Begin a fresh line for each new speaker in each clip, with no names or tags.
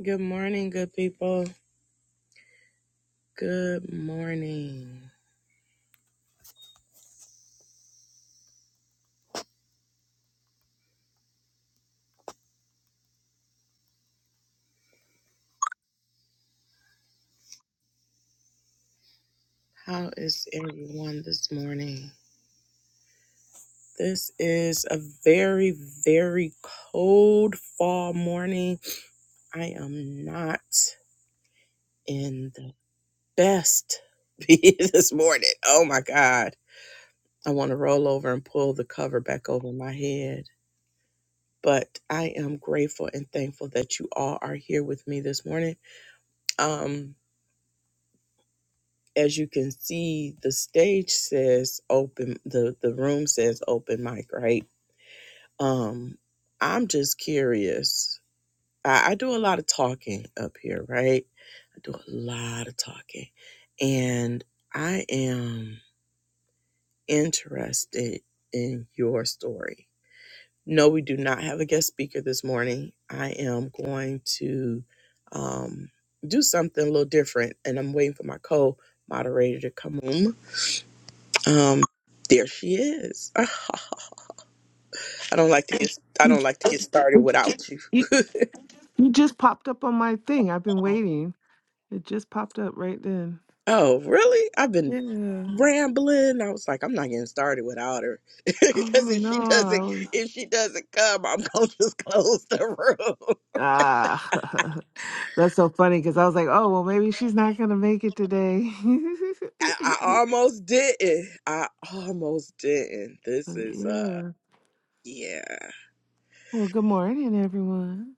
Good morning, good people. Good morning. How is everyone this morning? This is a very, very cold fall morning. I am not in the best be this morning. Oh my God. I want to roll over and pull the cover back over my head. But I am grateful and thankful that you all are here with me this morning. Um, as you can see, the stage says open the the room says open mic, right? Um, I'm just curious. I, I do a lot of talking up here, right? I do a lot of talking, and I am interested in your story. No, we do not have a guest speaker this morning. I am going to um, do something a little different, and I'm waiting for my co moderator to come on. Um, there she is. Ah, I don't like to get I
You,
don't like to get started
ju-
without you.
you, you just popped up on my thing. I've been waiting. It just popped up right then.
Oh, really? I've been
Yeah.
rambling. I was like, I'm not getting started without her because
Oh
if she
no, I
doesn't
was
if she doesn't come, I'm gonna just close the room.
ah. That's so funny because I was like, oh well, maybe she's not gonna make it today.
I, I almost didn't. I almost didn't. This
But
is uh
yeah.
yeah.
Well, good morning, everyone.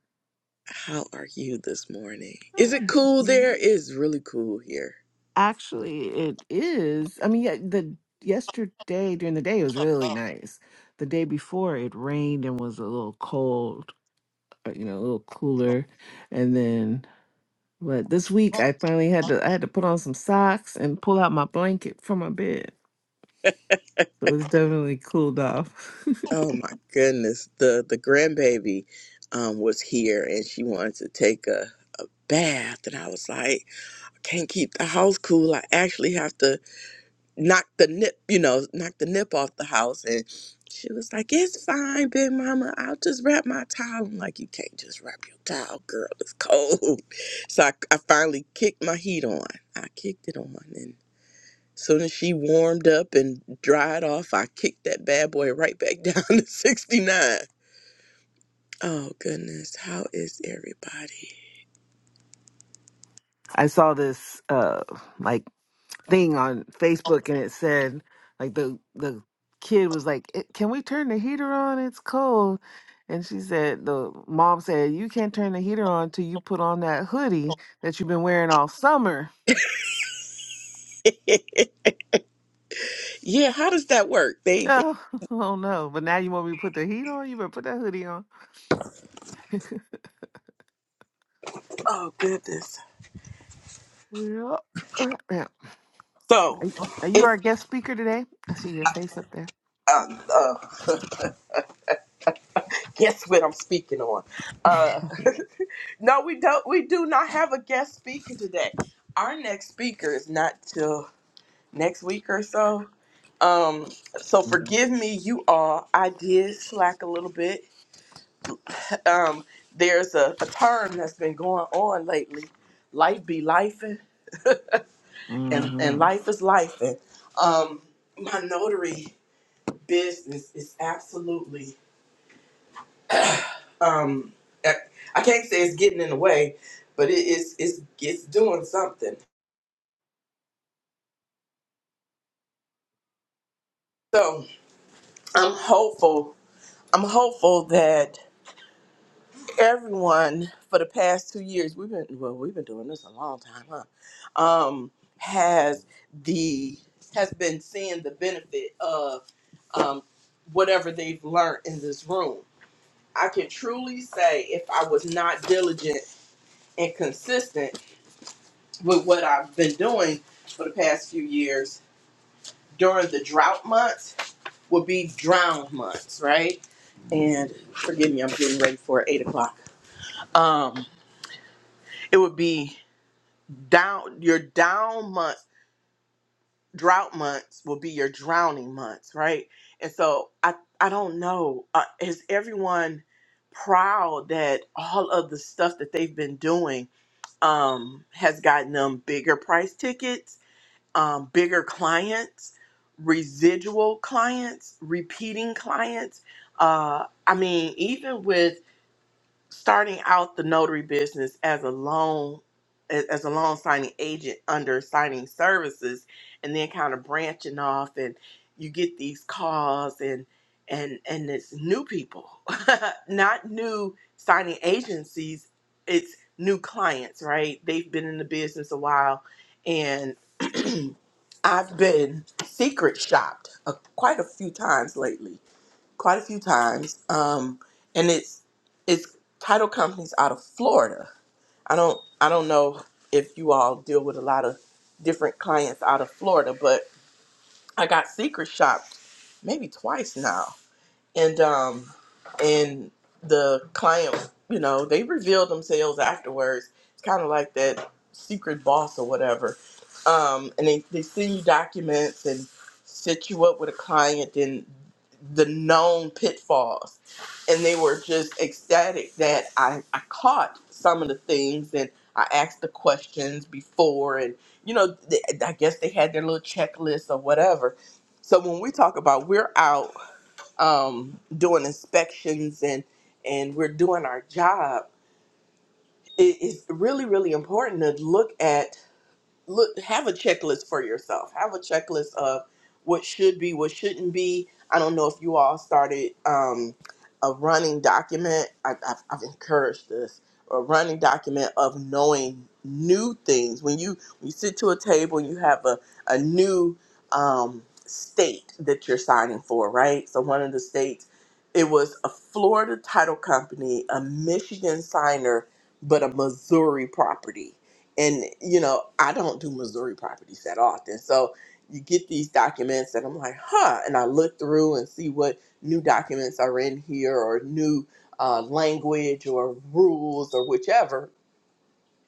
How are you this morning? Is it cool there? It's really cool here.
Actually, it is. I mean, yeah, the yesterday during the day it was really nice. The day before it rained and was a little cold. uh, you know, a little cooler. And then, but this week I finally had to I had to put on some socks and pull out my blanket from my bed. So it's definitely cooled off.
Oh my goodness. The the grandbaby um was here and she wanted to take a, a bath and I was like, I can't keep the house cool. I actually have to knock the nip, you know, knock the nip off the house and she was like, It's fine, big mama. I'll just wrap my towel. I'm like, you can't just wrap your towel, girl. It's cold. So I, I finally kicked my heat on. I kicked it on and soon as she warmed up and dried off, I kicked that bad boy right back down to 69. Oh goodness, how is everybody?
I saw this uh like thing on Facebook and it said like the the kid was like, "Eh, "Can we turn the heater on? It's cold." And she said the mom said, "You can't turn the heater on till you put on that hoodie that you've been wearing all summer."
yeah, how does that work? They, they
Oh, oh no! But now you want me to put the heat on? You better put that hoodie on.
oh goodness.
Yeah. All right, now,
So
Are are you
it's
our guest speaker today? I see your face up there.
um, uh, guess what I'm speaking on. Uh, no, we don't. We do not have a guest speaker today. Our next speaker is not till next week or so. Um, so forgive me, you all. I did slack a little bit. Um, there's a, a term that's been going on lately. Life be life. and,
Mm-hmm.
and life is life. And um, my notary business is absolutely um, I I can't say it's getting in the way, but it is it's it's doing something. So I'm hopeful. I'm hopeful that everyone for the past two years we've been well we've been doing this a long time, huh? Um, has the has been seeing the benefit of um, whatever they've learned in this room I can truly say if I was not diligent and consistent with what I've been doing for the past few years during the drought months would be drowned months, right? And forgive me, I'm getting ready for eight o'clock. Um, it would be down your down months, drought months will be your drowning months, right? And so I I don't know. Uh, is everyone proud that all of the stuff that they've been doing? um, has gotten them bigger price tickets, um, bigger clients, residual clients, repeating clients. Uh, I mean, even with starting out the notary business as a loan a- as a loan signing agent under signing services and then kind of branching off and you get these calls and and and it's new people not new signing agencies it's new clients right they've been in the business a while and i've been secret shopped uh, quite a few times lately quite a few times. Um, and it's it's title companies out of Florida. I don't I don't know if you all deal with a lot of different clients out of Florida, but I got secret shopped maybe twice now and um and the client you know they revealed themselves afterwards it's kind of like that secret boss or whatever um and they, they send you documents and set you up with a client and the known pitfalls and they were just ecstatic that i i caught some of the things and i asked the questions before and you know th i guess they had their little checklist or whatever so when we talk about we're out um, doing inspections and and we're doing our job, it, it's really really important to look at look have a checklist for yourself have a checklist of what should be what shouldn't be i don't know if you all started um, a running document I, I've, I've encouraged this a running document of knowing new things when you when you sit to a table and you have a, a new um, state that you're signing for right so one of the states it was a florida title company a michigan signer but a missouri property and you know i don't do missouri properties that often so you get these documents and i'm like huh and i look through and see what new documents are in here or new uh, language or rules or whichever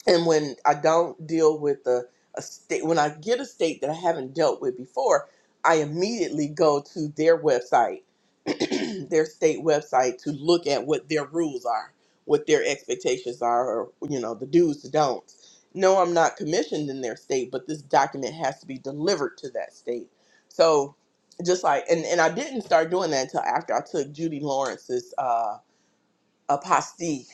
and when I don't deal with a, a state, when I get a state that I haven't dealt with before, I immediately go to their website, their state website, to look at what their rules are, what their expectations are, or you know the do's, the don'ts. No, I'm not commissioned in their state, but this document has to be delivered to that state. So, just like, and and I didn't start doing that until after I took Judy Lawrence's. uh, apostille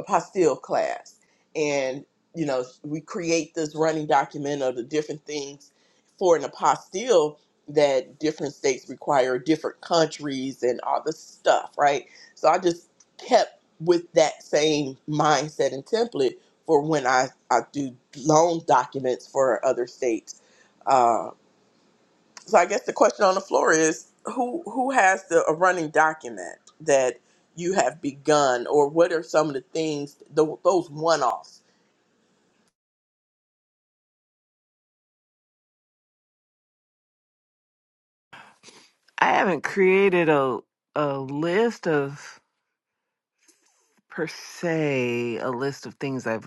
apostille class and you know we create this running document of the different things for an apostille that different states require different countries and all this stuff right so i just kept with that same mindset and template for when i, I do loan documents for other states so I guess the question on the floor is who who has the a running document that you have begun, or what are some of the things tho- those one offs?
I haven't created a a list of per se a list of things I've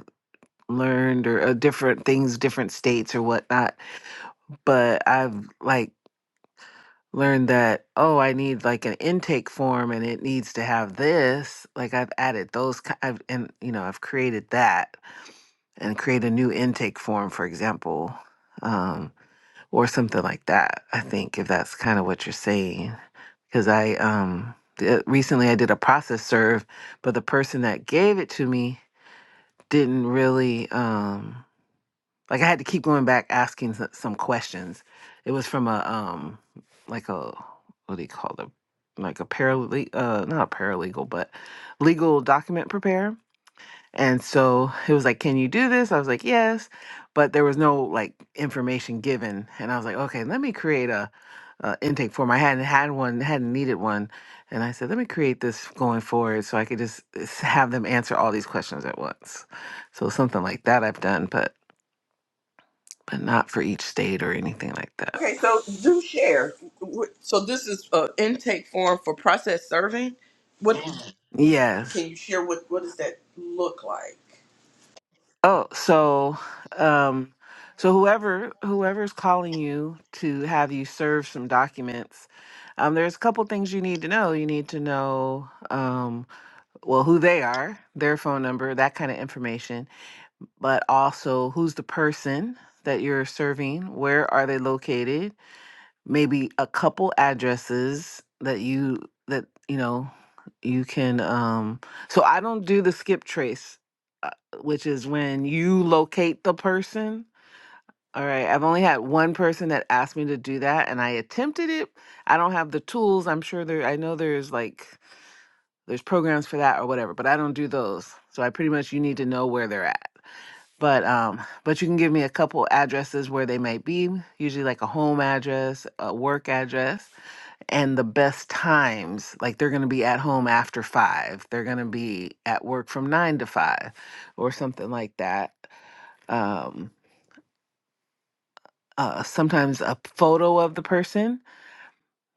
learned or uh, different things, different states or whatnot. But I've like learned that, oh, I need like an intake form and it needs to have this. Like I've added those, ki- I've, and you know, I've created that and create a new intake form, for example, um, or something like that. I think if that's kind of what you're saying, because I, um, th- recently I did a process serve, but the person that gave it to me didn't really, um, Like I had to keep going back asking s- some questions. It was from a um like a what do you call them? Like a paralegal, uh, not a paralegal, but legal document preparer. And so it was like, "Can you do this?" I was like, "Yes," but there was no like information given, and I was like, "Okay, let me create a, a intake form." I hadn't had one, hadn't needed one, and I said, "Let me create this going forward, so I could just s- have them answer all these questions at once." So something like that I've done, but but not for each state or anything like that.
Okay, so do share. Wh- So this is an intake form for process serving. What Mhm.
Yes.
can you share? What what does that look like?
Oh, so um so whoever whoever's calling you to have you serve some documents, um there's a couple things you need to know. You need to know um well who they are, their phone number, that kind of information, but also who's the person that you're serving, where are they located, maybe a couple addresses that you that you know you can um so i don't do the skip trace uh, which is when you locate the person all right i've only had one person that asked me to do that and i attempted it i don't have the tools i'm sure there i know there's like there's programs for that or whatever but i don't do those so i pretty much you need to know where they're at but um but you can give me a couple addresses where they might be usually like a home address a work address and the best times like they're going to be at home after 5 they're going to be at work from 9 to 5 or something like that um uh sometimes a photo of the person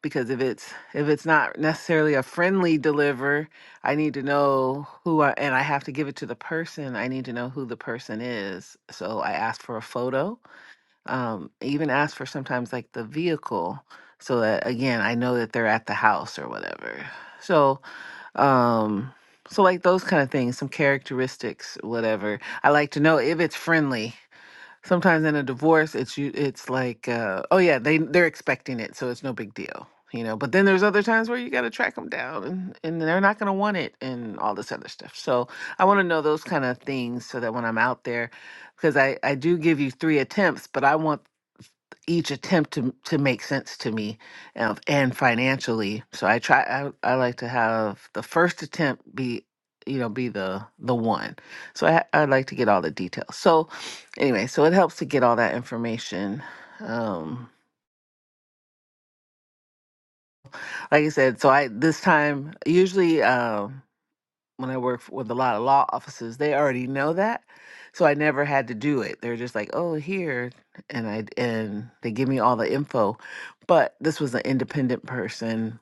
because if it's if it's not necessarily a friendly deliver I need to know who I and I have to give it to the person I need to know who the person is so I ask for a photo um even ask for sometimes like the vehicle so that again I know that they're at the house or whatever so um so like those kind of things some characteristics whatever i like to know if it's friendly sometimes in a divorce it's you it's like uh oh yeah they they're expecting it so it's no big deal you know but then there's other times where you got to track them down and, and they're not going to want it and all this other stuff so i want to know those kind of things so that when i'm out there because i i do give you three attempts but i want each attempt to to make sense to me um, and financially so i try I, I like to have the first attempt be you know be the the one so i i like to get all the details so anyway so it helps to get all that information um like i said so i this time usually Um, when I work f- with a lot of law offices, they already know that. So I never had to do it. They're just like, "Oh, here." And I and they give me all the info. But this was an independent person,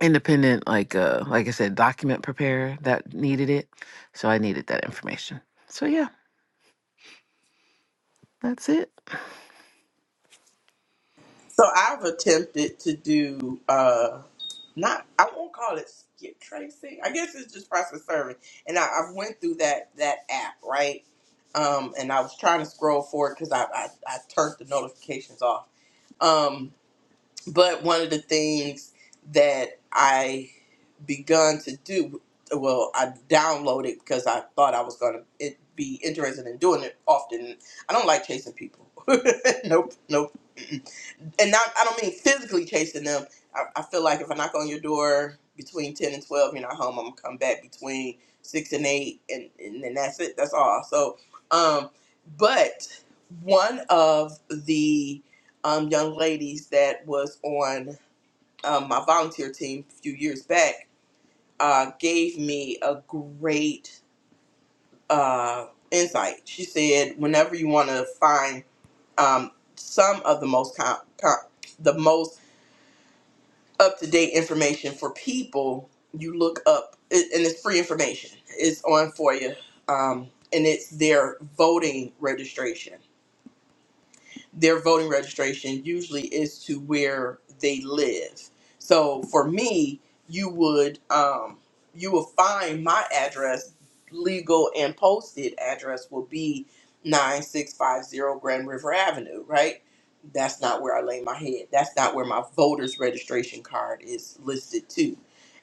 independent like uh like I said document preparer that needed it. So I needed that information. So yeah, that's it.
So I've attempted to do uh not I won't call it skip tracing. I guess it's just process serving. And I, I went through that that app, right? Um and I was trying to scroll forward because I, I I turned the notifications off. Um but one of the things that I begun to do well, I downloaded because I thought I was gonna it, be interested in doing it often. I don't like chasing people. nope, nope and not I don't mean physically chasing them. I, I feel like if I knock on your door between ten and twelve, you're not home. I'm gonna come back between six and eight, and and then that's it. That's all. So, um, but one of the um, young ladies that was on um, my volunteer team a few years back uh, gave me a great uh, insight. She said, whenever you want to find um, some of the most com- com- the most up to date information for people, you look up, it, and it's free information. It's on for you, um, and it's their voting registration their voting registration usually is to where they live. So for me, you would um, you will find my address, legal and posted address will be nine six five zero Grand River Avenue, right? That's not where I lay my head. That's not where my voter's registration card is listed to.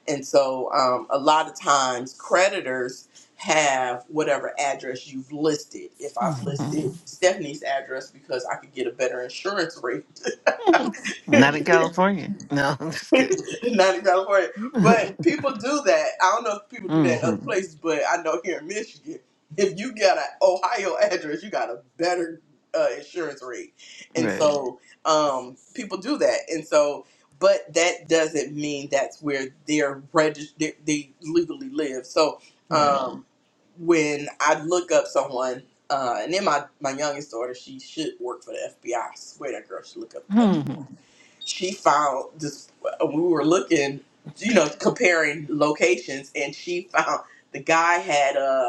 And so um, a lot of times creditors have whatever address you've listed. If I've
hmm
listed Stephanie's address because I could get a better insurance rate,
Not in California. No, I'm just kidding.
Not in California. But people do that. I don't know if people do that in
hmm
other places, but I know here in Michigan, if you got an Ohio address, you got a better uh, insurance rate. And
Right.
so um, people do that. And so, but that doesn't mean that's where they're registered, they they legally live. So
Right.
um, when I look up someone, uh, and then my, my youngest daughter, she should work for the FBI. I I swear that girl should look up the
hmm
she found this we were looking you know comparing locations and she found the guy had uh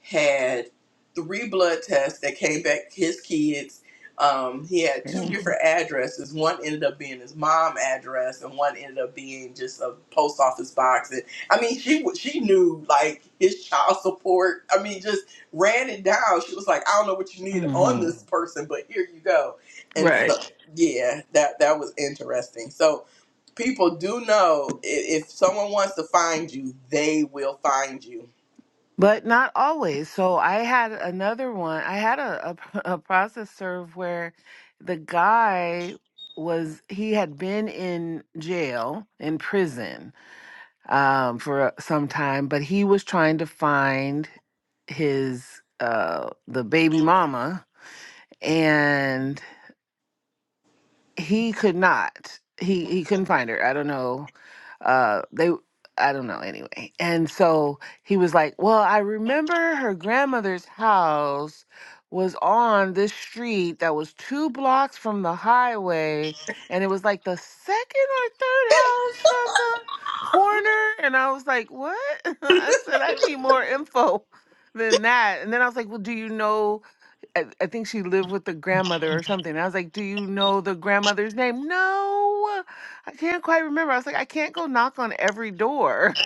had three blood tests that came back his kids. Um, he had two different addresses. One ended up being his mom address, and one ended up being just a post office box. And I mean, she wa- she knew like his child support. I mean, just ran it down. She was like, "I don't know what you need on
hmm
this person, but here you go." And so,
Right.
yeah, that that was interesting. So people do know i- if someone wants to find you, they will find you
but not always. So I had another one. I had a, a, a process serve where the guy was he had been in jail in prison um, for uh, some time, but he was trying to find his uh, the baby mama, and he could not he he couldn't find her i don't know uh they i don't know anyway and so he was like well i remember her grandmother's house was on this street that was two blocks from the highway and it was like the second or third house from the corner and i was like what i said i need more info than that and then i was like well do you know I, I think she lived with the grandmother or something. I was like, Do you know the grandmother's name? No, I can't quite remember. I was like, I can't go knock on every door,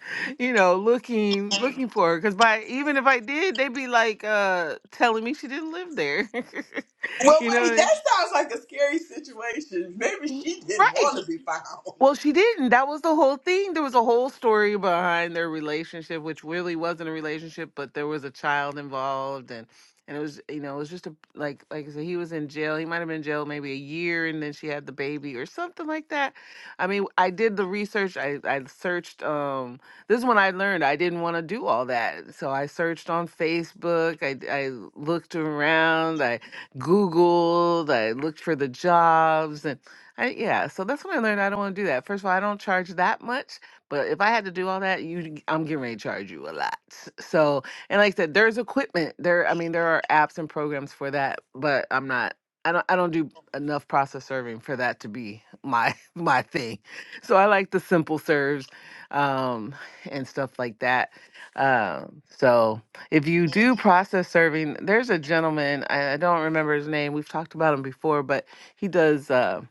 you know, looking looking for her. Because by even if I did, they'd be like uh telling me she didn't live there.
Well,
you know,
wait,
what
that sounds like a scary situation. Maybe she didn't
I- right.
want to be found.
Well, she didn't. That was the whole thing. There was a whole story behind their relationship, which really wasn't a relationship, but there was a child involved, and and it was you know it was just a like like I said, he was in jail. He might have been in jail maybe a year, and then she had the baby or something like that. I mean, I did the research. I I searched. Um, this is when I learned I didn't want to do all that, so I searched on Facebook. I I looked around. I Googled. I looked for the jobs and I, yeah, so that's when I learned I don't want to do that. First of all, I don't charge that much, but if I had to do all that, you, I'm getting ready to charge you a lot. So, and like I said, there's equipment there. I mean, there are apps and programs for that, but I'm not. I don't. I don't do enough process serving for that to be my my thing. So I like the simple serves, um, and stuff like that. Um, so if you do process serving, there's a gentleman. I, I don't remember his name. We've talked about him before, but he does. Um,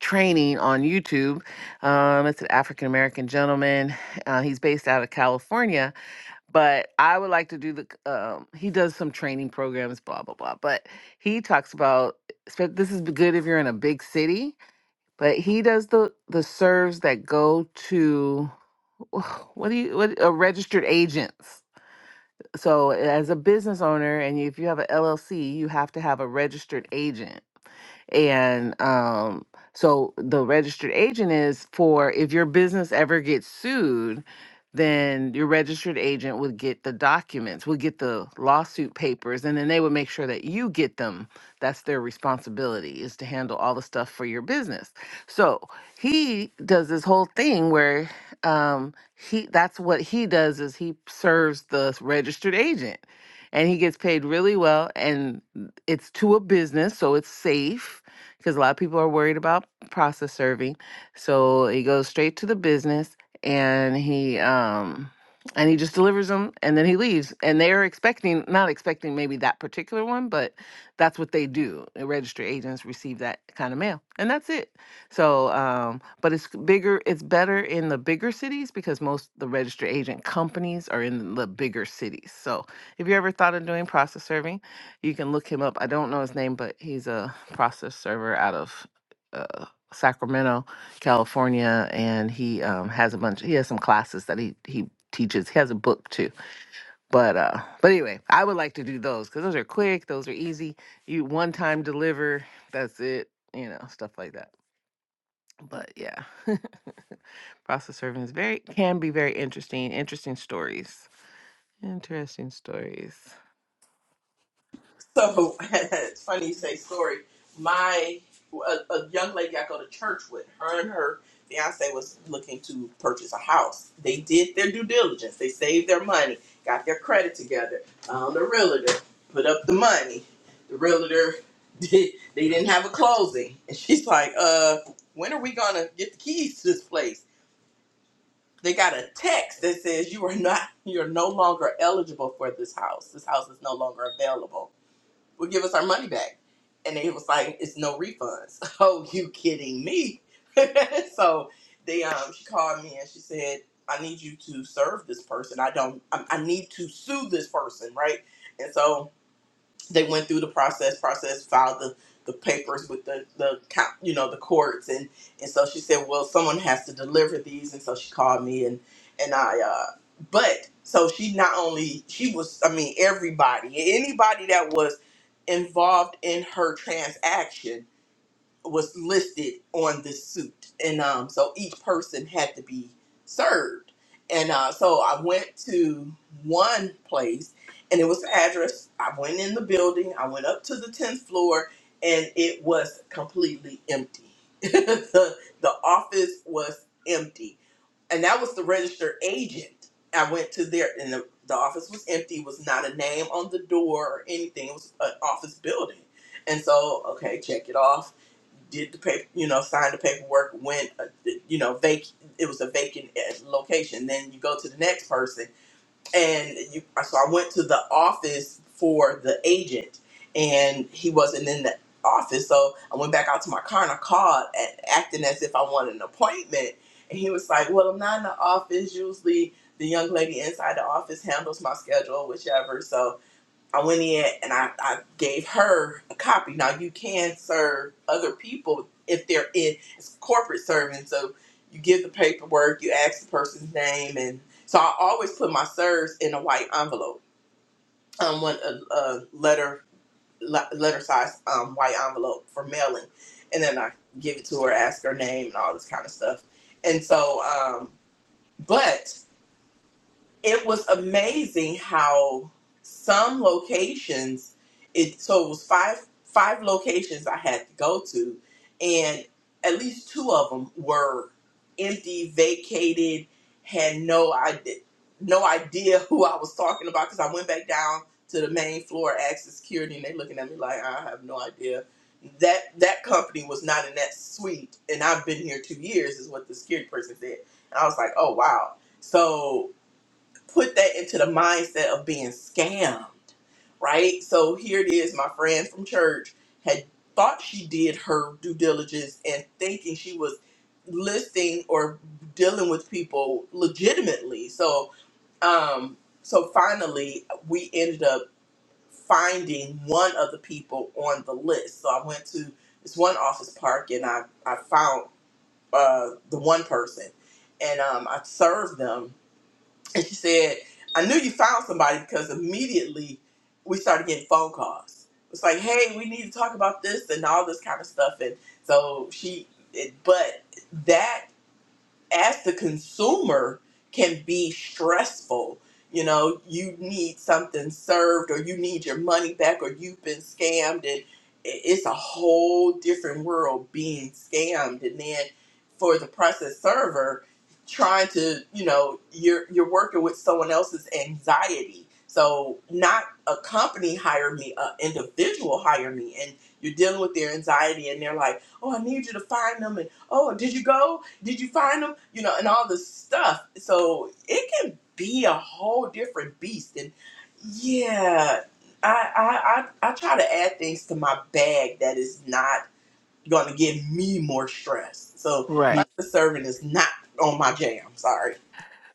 training on YouTube. Um, it's an African American gentleman. Uh, he's based out of California, but I would like to do the. Um, he does some training programs, blah blah blah. But he talks about spe- this is good if you're in a big city. But he does the the serves that go to what do you what uh, registered agents. So as a business owner, and if you have an LLC, you have to have a registered agent and um, so the registered agent is for if your business ever gets sued, then your registered agent would get the documents, would get the lawsuit papers, and then they would make sure that you get them. That's their responsibility is to handle all the stuff for your business. So he does this whole thing where um, he that's what he does is he serves the registered agent, and he gets paid really well, and it's to a business, so it's safe because a lot of people are worried about process serving. So he goes straight to the business and he um and he just delivers them and then he leaves. And they're expecting not expecting maybe that particular one, but that's what they do. Uh, Registry agents receive that kind of mail. And that's it. So um but it's bigger it's better in the bigger cities because most of the registry agent companies are in the bigger cities. So have you ever thought of doing process serving? You can look him up. I don't know his name, but he's a process server out of uh, Sacramento, California, and he um, has a bunch. He has some classes that he he teaches. He has a book too. But uh, but anyway, I would like to do those because those are quick. Those are easy. You one time deliver. That's it. You know stuff like that. But yeah, process serving is very can be very interesting. Interesting stories. Interesting stories.
So it's funny you say story. My a, a young lady I go to church with, her and her fiance was looking to purchase a house. They did their due diligence. They saved their money, got their credit together, found a realtor, put up the money. The realtor did. They didn't have a closing, and she's like, "Uh, when are we gonna get the keys to this place?" they got a text that says you are not you're no longer eligible for this house this house is no longer available Will give us our money back and they was like it's no refunds oh you kidding me so they um she called me and she said i need you to serve this person i don't i, I need to sue this person right and so they went through the process, process, filed the, the papers with the, the you know the courts, and and so she said, well, someone has to deliver these, and so she called me, and and I, uh, but so she not only she was, I mean, everybody, anybody that was involved in her transaction was listed on the suit, and um, so each person had to be served. And uh, so I went to one place, and it was the address. I went in the building. I went up to the tenth floor, and it was completely empty. the, the office was empty, and that was the registered agent. I went to there, and the, the office was empty. Was not a name on the door or anything. It was an office building, and so okay, check it off did the paper, you know, signed the paperwork, went, uh, you know, vac- it was a vacant uh, location. Then you go to the next person. And you, uh, so I went to the office for the agent and he wasn't in the office. So I went back out to my car and I called and acting as if I wanted an appointment. And he was like, well, I'm not in the office. Usually the young lady inside the office handles my schedule, whichever. So I went in and I, I gave her a copy. Now you can serve other people if they're in it's corporate serving. So you give the paperwork, you ask the person's name, and so I always put my serves in a white envelope, um, one a, a letter le- letter size um, white envelope for mailing, and then I give it to her, ask her name, and all this kind of stuff. And so, um, but it was amazing how some locations it so it was five five locations I had to go to and at least two of them were empty vacated had no idea no idea who I was talking about because I went back down to the main floor asked the security and they looking at me like I have no idea that that company was not in that suite and I've been here two years is what the security person said and I was like oh wow so put that into the mindset of being scammed, right? So here it is, my friend from church had thought she did her due diligence and thinking she was listing or dealing with people legitimately. So um so finally we ended up finding one of the people on the list. So I went to this one office park and I I found uh the one person and um I served them and she said, I knew you found somebody because immediately we started getting phone calls. It's like, hey, we need to talk about this and all this kind of stuff. And so she, it, but that as the consumer can be stressful. You know, you need something served, or you need your money back, or you've been scammed, and i- it's a whole different world being scammed. And then for the process server, trying to, you know, you're you're working with someone else's anxiety. So not a company hire me, a individual hire me, and you're dealing with their anxiety, and they're like, "Oh, I need you to find them," and "Oh, did you go?" did you find them? You know, and all this stuff. So it can be a whole different beast. And yeah, I I I, I try to add things to my bag that is not going to give me more stress. So
Right.
pasta serving is not on my jam. Sorry.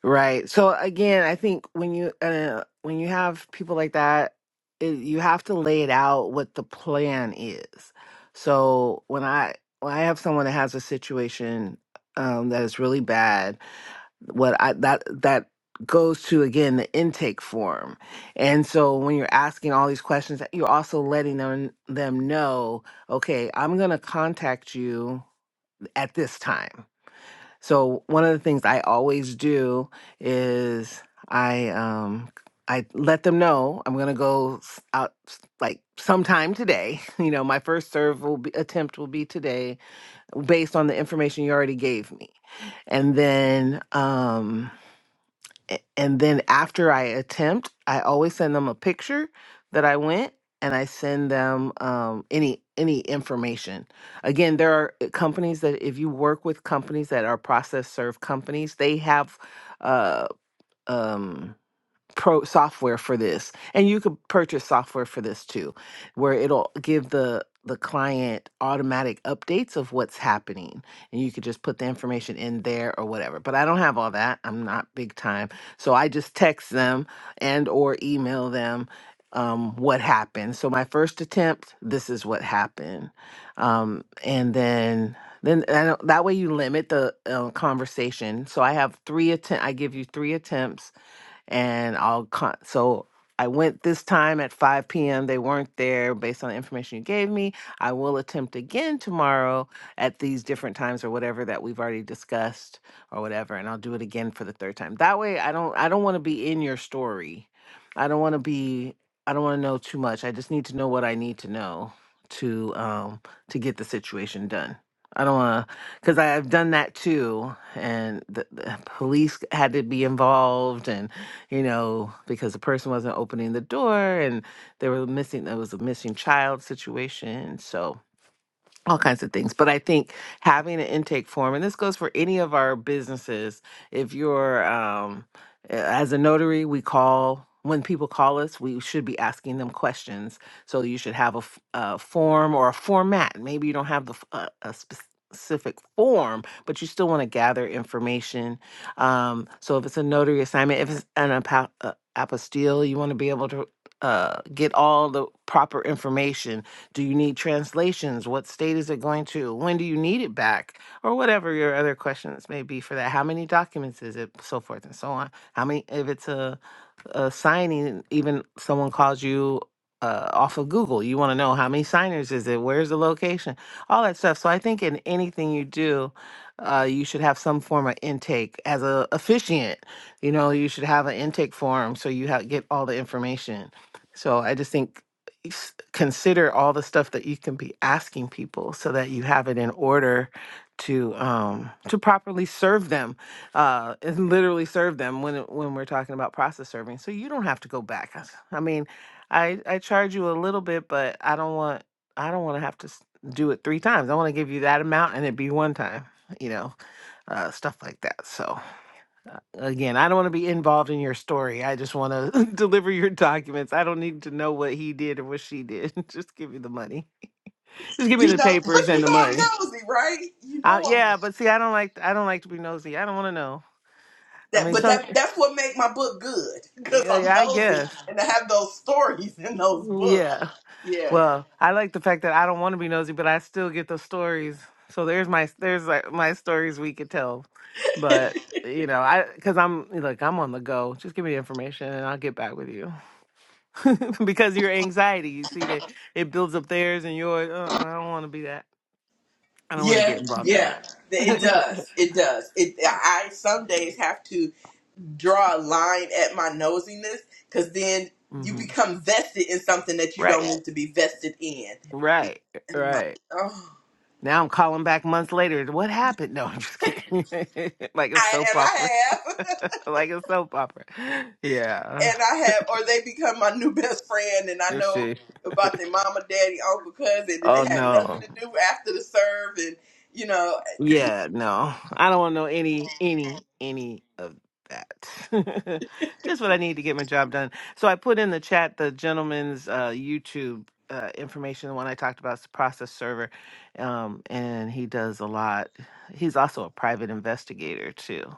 Right. So again, I think when you uh, when you have people like that, it, you have to lay it out what the plan is. So when I when I have someone that has a situation um, that is really bad, what I that that goes to again the intake form, and so when you're asking all these questions, you're also letting them them know, okay, I'm gonna contact you at this time so one of the things I always do is I um I let them know I'm gonna go s- out s- like sometime today. You know, my first serve will be attempt will be today based on the information you already gave me. And then um a- and then after I attempt, I always send them a picture that I went and I send them um, any any information. Again, there are uh, companies that if you work with companies that are process serve companies, they have uh, um, pro software for this and you could purchase software for this too where it'll give the the client automatic updates of what's happening and you could just put the information in there or whatever but i don't have all that i'm not big time so i just text them and or email them um, what happened so my first attempt this is what happened um, and then then I don't, that way you limit the uh, conversation so i have three attempt i give you three attempts and I'll con- so I went this time at 5 p.m. They weren't there based on the information you gave me. I will attempt again tomorrow at these different times or whatever that we've already discussed or whatever and I'll do it again for the third time. That way I don't I don't want to be in your story. I don't want to be I don't want to know too much. I just need to know what I need to know to um to get the situation done. I don't want to cuz I've done that too and the, the police had to be involved and you know, because the person wasn't opening the door and they were missing there was a missing child situation. So all kinds of things. But I think having an intake form, and this goes for any of our businesses, if you're um, a- as a notary, we call when people call us, we should be asking them questions. So you should have a, f- a form or a format. Maybe you don't have the f- a, a specific form, but you still want to gather information. Um, so if it's a notary assignment, if it's an apo- uh, apostille, you want to be able to uh, get all the proper information do you need translations? What state is it going to? When do you need it back? Or whatever your other questions may be for that. How many documents is it? So forth and so on. How many? If it's a uh, signing, even someone calls you uh, off of Google, you want to know how many signers is it, where's the location, all that stuff. So I think in anything you do, uh, you should have some form of intake as a officiant. You know, you should have an intake form so you ha- get all the information. So I just think s- consider all the stuff that you can be asking people so that you have it in order to um to properly serve them uh, and literally serve them when it- when we're talking about process serving. So you don't have to go back. I s- I mean, I I charge you a little bit, but I don't want I don't want to have to s- do it three times. I want to give you that amount and it be one time. You know, uh, stuff like that. So uh, again, I don't want to be involved in your story. I just want to deliver your documents. I don't need to know what he did or what she did. just give me the money. Just give me
You
the
know,
papers
but
and
you
the
know I'm
money.
nosy, right? You
Uh,
know I'm
yeah, but see, I don't like I don't like to be nosy. I don't want to know. I
that,
mean,
but
some
that that's what make my book good because
Yeah,
I'm
yeah, I
nosy
guess.
and I have those stories in those
Mm,
books.
Yeah.
Yeah.
Well, I like the fact that I don't want to be nosy, but I still get those stories. So there's my there's like my stories we could tell, but you know I because I'm like I'm on the go. Just give me the information and I'll get back with you. because your anxiety, you see that it builds up theirs and yours. Uh, I don't want to be that. I don't want to get
Yeah,
involved in
yeah,
that.
it does. It does. It. I some days have to draw a line at my nosiness because then you
hmm
become vested in something that you don't
Right.
need to be vested in.
Right.
And I'm like,
Right.
oh,
Now I'm calling back months later. What happened? No, I'm just kidding. like a
I,
soap
and I
opera.
have,
like a soap opera. Yeah.
and I have, or they become my new best friend, and I
Let's
know
see.
about their mama, daddy, uncle, cousin, and
Oh
it had nothing
no.
to do after the serve, and you know,
Yeah, no. I don't want to know any, any, any of that. just what I need to get my job done. So I put in the chat the gentleman's uh, YouTube uh, information. The one I talked about is the process server, um, and he does a lot. He's also a private investigator too.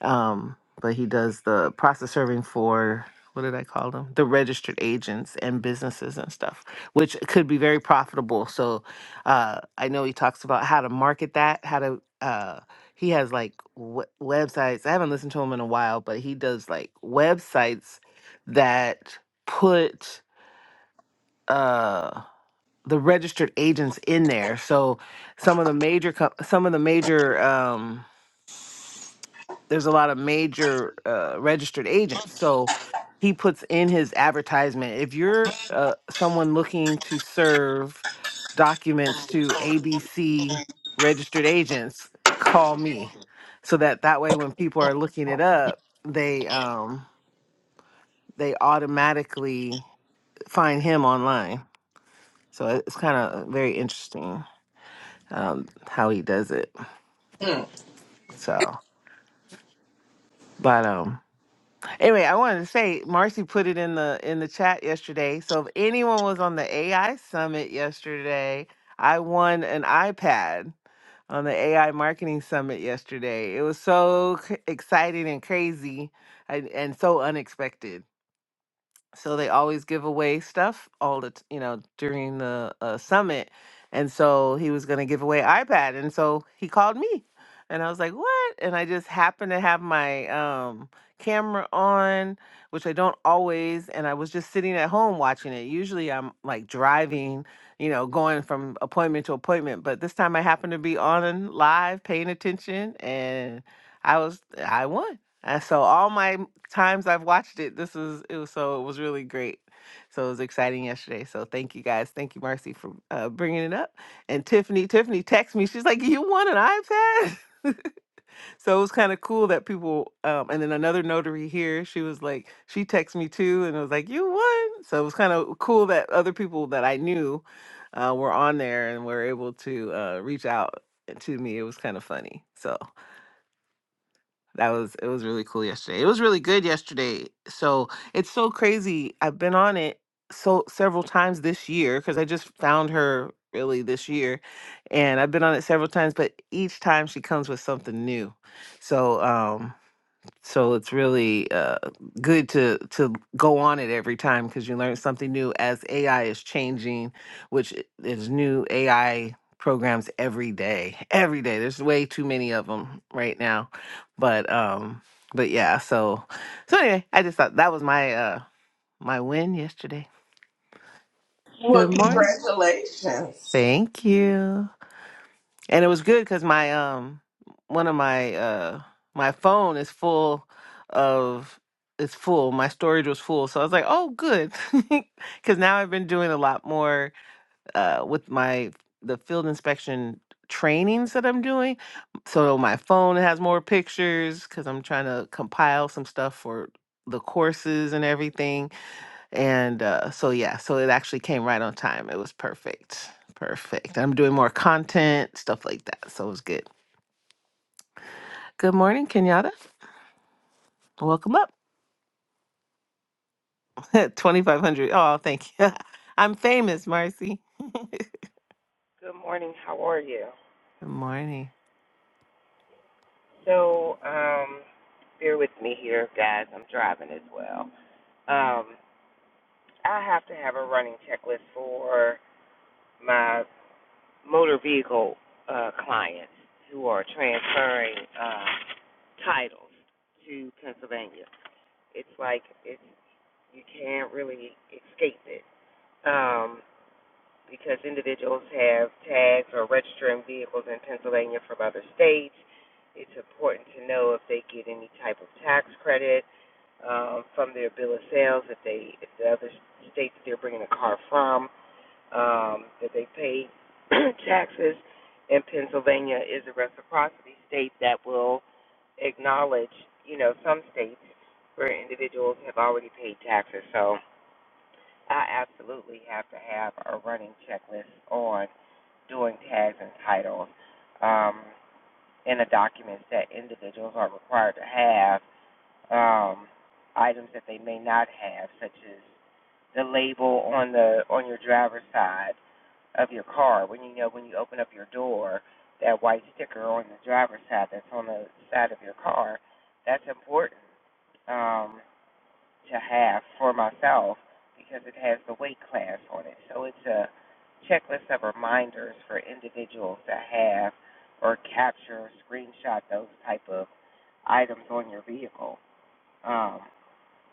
Um, but he does the process serving for what did I call them? The registered agents and businesses and stuff, which could be very profitable. So uh, I know he talks about how to market that, how to. Uh, he has like w- websites. I haven't listened to him in a while, but he does like websites that put uh, the registered agents in there. So some of the major, co- some of the major. Um, there's a lot of major uh, registered agents. So he puts in his advertisement if you're uh, someone looking to serve documents to ABC registered agents, call me. So that that way, when people are looking it up, they um, they automatically find him online. So it- it's kind of very interesting um, how he does it.
mm.
So, but um, Anyway, I wanted to say Marcy put it in the in the chat yesterday. So if anyone was on the AI summit yesterday, I won an iPad on the AI marketing summit yesterday. It was so c- exciting and crazy and, and so unexpected so they always give away stuff all the t- you know during the uh, summit and so he was going to give away ipad and so he called me and i was like what and i just happened to have my um camera on which i don't always and i was just sitting at home watching it usually i'm like driving you know going from appointment to appointment but this time i happened to be on and live paying attention and i was i won and so all my times I've watched it, this is it was so it was really great. So it was exciting yesterday. So thank you guys. Thank you, Marcy, for uh, bringing it up. And Tiffany, Tiffany texted me. She's like, "You want an iPad?" So it was kind of cool that people. Um, and then another notary here, she was like, she texted me too, and it was like, "You won." So it was kind of cool that other people that I knew uh, were on there and were able to uh, reach out to me. It was kind of funny. So. That was it was really cool yesterday. It was really good yesterday. So it's so crazy. I've been on it so several times this year because I just found her really this year. And I've been on it several times, but each time she comes with something new. So um, so it's really uh, good to to go on it every time because you learn something new as AI is changing, which i- is new AI programs every day. Every day, there's way too many of them right now, but um, but yeah. So so anyway, I just thought that was my uh my win yesterday.
well,
Good morning.
congratulations.
Thank you. and it was good because my um one of my uh my phone is full of it's full my storage was full so i was like oh good because now i've been doing a lot more uh with my the field inspection trainings that i'm doing so my phone has more pictures because i'm trying to compile some stuff for the courses and everything and uh, so, yeah, so it actually came right on time. It was perfect. Perfect. I'm doing more content, stuff like that. So it was good. Good morning, Kenyatta. Welcome up. 2,500. Oh, thank you. I'm famous, Marcy.
Good morning. How are you?
Good morning.
So, um, bear with me here, guys. I'm driving as well. Um, I have to have a running checklist for my motor vehicle uh, clients who are transferring uh, titles to Pennsylvania. It's like it's you can't really escape it. Um, because individuals have tags or registering vehicles in Pennsylvania from other states. It's important to know if they get any type of tax credit um, from their bill of sales, if they, if the other state that they're bringing a car from, um, that they pay taxes. And Pennsylvania is a reciprocity state that will acknowledge, you know, some states where individuals have already paid taxes. So I absolutely have to have a running checklist on doing tags and titles um, in the documents that individuals are required to have, um, items that they may not have, such as the label on the on your driver's side of your car. When you know when you open up your door, that white sticker on the driver's side that's on the side of your car, that's important. Um, to have for myself because it has the weight class on it. So it's a checklist of reminders for individuals to have or capture, screenshot those type of items on your vehicle. Um,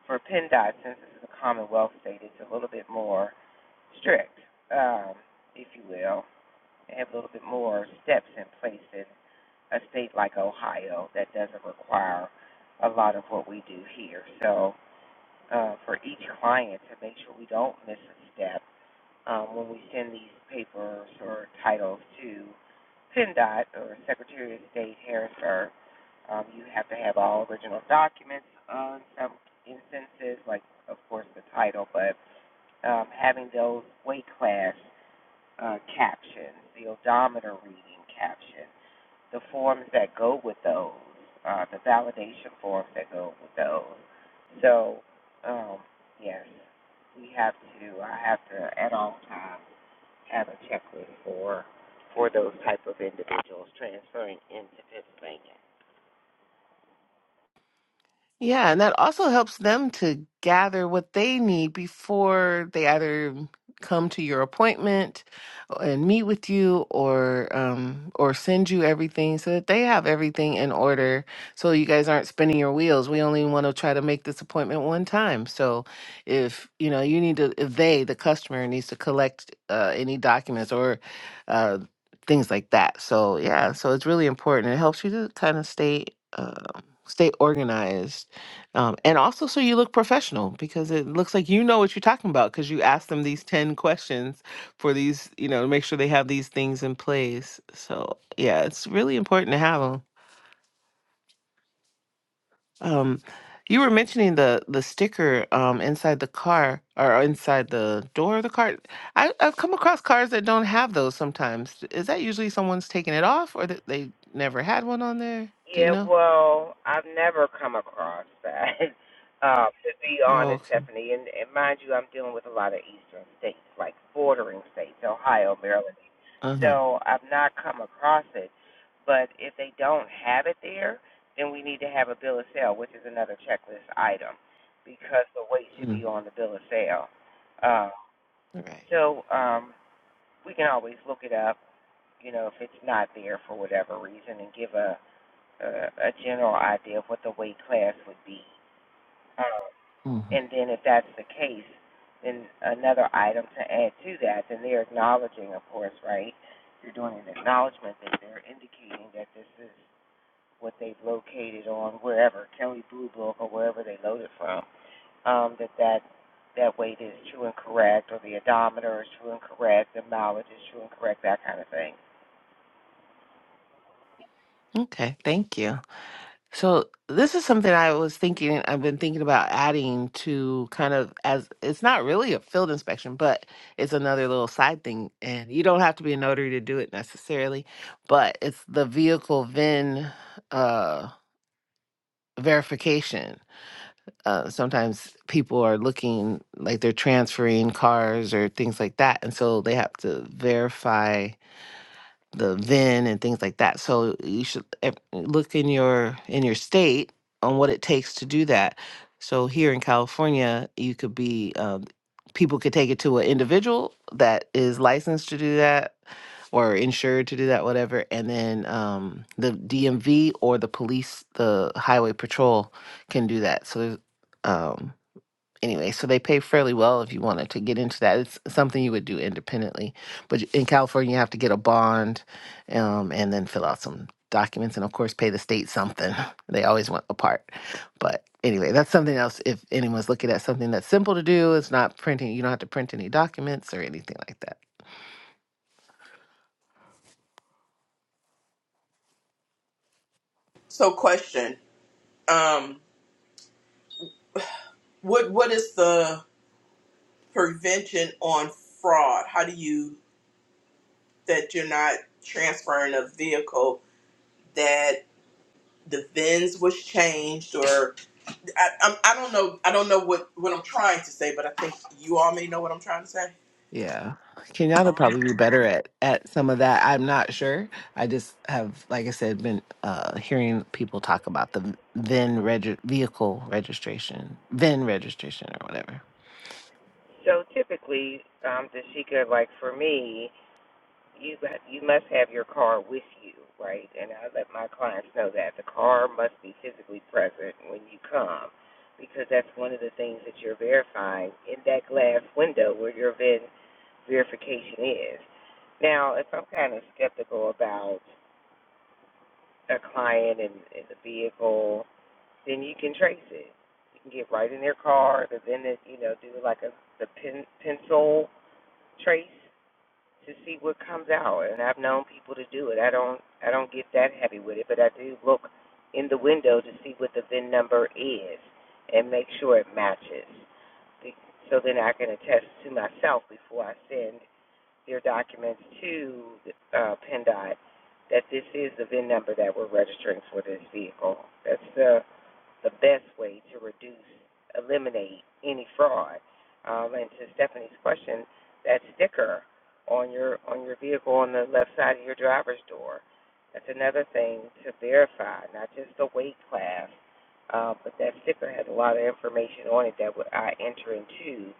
for PennDOT, since this is a Commonwealth state, it's a little bit more strict, um, if you will. They have a little bit more steps in place than a state like Ohio that doesn't require a lot of what we do here. So uh, for each client to make sure we don't miss a step um, when we send these papers or titles to PennDOT or Secretary of State Harrisburg. Um, you have to have all original documents uh, in some instances, like of course the title, but um, having those weight class uh, captions, the odometer reading captions, the forms that go with those, uh, the validation forms that go with those. So, um, yes, we have to. I have to at all times have a checklist for for those type of individuals transferring into Pennsylvania.
Yeah, and that also helps them to gather what they need before they either come to your appointment uh, and meet with you or um or send you everything so that they have everything in order so you guys aren't spinning your wheels. We only want to try to make this appointment one time. So if you know you need to if they the customer needs to collect uh, any documents or uh things like that. So yeah, so it's really important. It helps you to kind of stay uh, stay organized um, and also, so you look professional because it looks like you know what you're talking about because you asked them these 10 questions for these, you know, to make sure they have these things in place. So, yeah, it's really important to have them. Um, you were mentioning the the sticker um, inside the car or inside the door of the car. I, I've come across cars that don't have those sometimes. Is that usually someone's taking it off or that they never had one on there? Do you
Yeah,
know?
well, I've never come across that. Uh, to be
Oh,
honest,
okay.
Stephanie, and, and mind you, I'm dealing with a lot of eastern states, like bordering states, Ohio, Maryland.
Uh huh.
So I've not come across it. But if they don't have it there, then we need to have a bill of sale, which is another checklist item, because the weight should
Mm-hmm.
be on the bill of sale. Uh,
All right.
so um, we can always look it up, you know, if it's not there for whatever reason, and give a uh, a general idea of what the weight class would be. Um,
Mhm.
and then if that's the case, then another item to add to that, then they're acknowledging, of course, right? You're doing an acknowledgement that they're indicating that this is what they've located on wherever, Kelly Blue Book or wherever they loaded from, um, that that that weight is true and correct, or the odometer is true and correct, the mileage is true and correct, that kind of thing.
Okay. Thank you. So this is something I was thinking I've been thinking about adding to kind of as it's not really a field inspection, but it's another little side thing and you don't have to be a notary to do it necessarily, but it's the vehicle VIN uh verification. Uh, sometimes people are looking like they're transferring cars or things like that, and so they have to verify the VIN and things like that. So you should ev- look in your in your state on what it takes to do that. So here in California, you could be um, people could take it to an individual that is licensed to do that or insured to do that, whatever, and then um, the DMV or the police, the highway patrol can do that. So there's um, anyway, so they pay fairly well if you wanted to get into that. It's something you would do independently, but in California, you have to get a bond, um, and then fill out some documents, and of course, pay the state something. They always want a part, but anyway, that's something else. If anyone's looking at something that's simple to do, it's not printing. You don't have to print any documents or anything like that.
So, question. Um, What what is the prevention on fraud? How do you that you're not transferring a vehicle that the VINs was changed or I, I'm, I don't know I don't know what what I'm trying to say, but I think you all may know what I'm trying to say.
Yeah. Kenyatta probably be better at at some of that. I'm not sure. I just have, like I said, been uh hearing people talk about the VIN reg- vehicle registration, VIN registration or whatever.
So typically, um, the seeker, like for me, you you must have your car with you, right? And I let my clients know that the car must be physically present when you come, because that's one of the things that you're verifying in that glass window where your VIN verification is. Now, if I'm kind of skeptical about a client and, and the vehicle, then you can trace it. You can get right in their car, and then it, you know do like a the pen, pencil trace to see what comes out. And I've known people to do it. I don't I don't get that heavy with it, but I do look in the window to see what the VIN number is and make sure it matches. So then I can attest to myself before I send their documents to uh, PennDOT that this is the VIN number that we're registering for this vehicle. That's the the best way to reduce, eliminate any fraud. Um, and to Stephanie's question, that sticker on your on your vehicle on the left side of your driver's door. That's another thing to verify, not just the weight class, uh, but that sticker has a lot of information on it that would- I enter into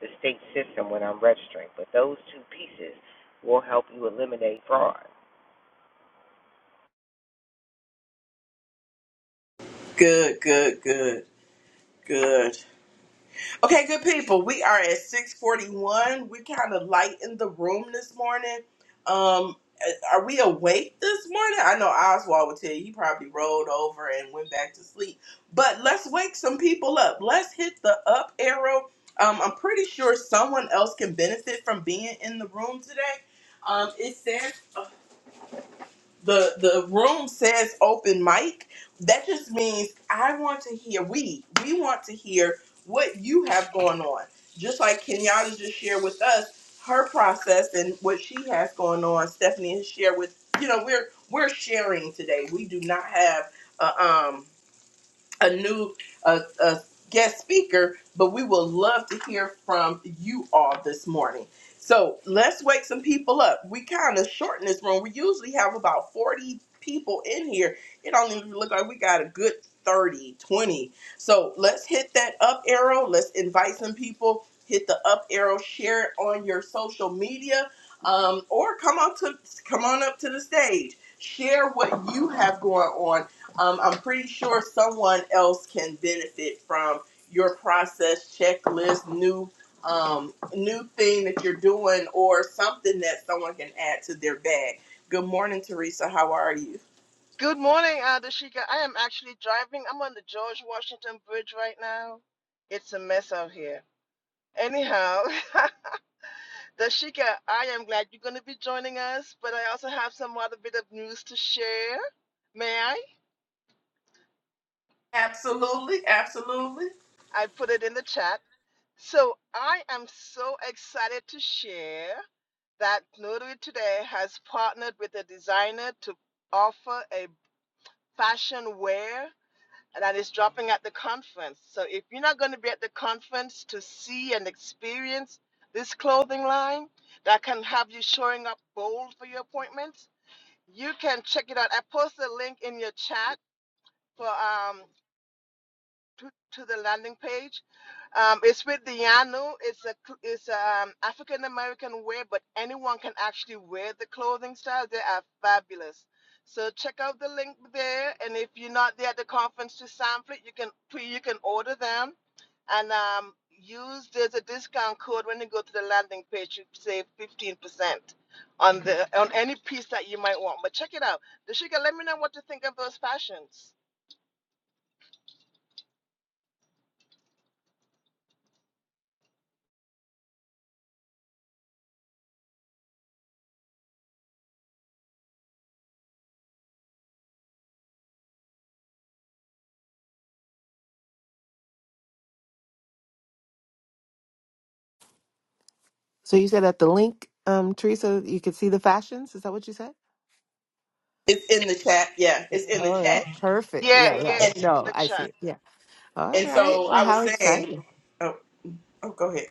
the state system when I'm registering. But those two pieces will help you eliminate fraud.
Good, good, good, good. Okay, good people. We are at 641. We kind of light in the room this morning. Um, are we awake this morning? I know Oswald would tell you he probably rolled over and went back to sleep. But let's wake some people up. Let's hit the up arrow. Um, I'm pretty sure someone else can benefit from being in the room today. Um, it says the the room says open mic, that just means I want to hear we we want to hear what you have going on. Just like Kenyatta just shared with us her process and what she has going on. Stephanie has shared with you know we're we're sharing today. We do not have a um a new uh, uh, guest speaker, but we will love to hear from you all this morning. So let's wake some people up. We kind of shorten this room. We usually have about 40 people in here. It don't even look like we got a good 30, 20. So let's hit that up arrow. Let's invite some people. Hit the up arrow, share it on your social media, um, or come on to come on up to the stage. Share what you have going on um, I'm pretty sure someone else can benefit from your process checklist, new um, new thing that you're doing, or something that someone can add to their bag. Good morning, Teresa. How are you?
Good morning, uh, Dashika. I am actually driving. I'm on the George Washington Bridge right now. It's a mess out here. Anyhow, Dashika, I am glad you're going to be joining us, but I also have some other bit of news to share. May I?
Absolutely, absolutely.
I put it in the chat. So I am so excited to share that Notary Today has partnered with a designer to offer a fashion wear and that is dropping at the conference. So if you're not going to be at the conference to see and experience this clothing line that can have you showing up bold for your appointments, you can check it out. I posted a link in your chat for um, to, to the landing page. Um, it's with the Yanu. It's a cl- it's um African American wear, but anyone can actually wear the clothing styles. They are fabulous. So check out the link there, and if you're not there at the conference to sample it, you can pre you can order them and um use there's a discount code when you go to the landing page. You save fifteen percent on the on any piece that you might want. But check it out. Deshika, let me know what you think of those fashions.
So you said at the link, um, Teresa, you could see the fashions. Is that what you said?
It's in the chat. Yeah,
Yeah.
it's in the
All right.
chat.
Perfect. Yeah,
Yeah,
yeah.
yes,
And
see
No,
the
I see
chat.
it. Yeah. All
and
right.
so
Well,
I was
how
saying.
exciting.
Oh, oh, go ahead.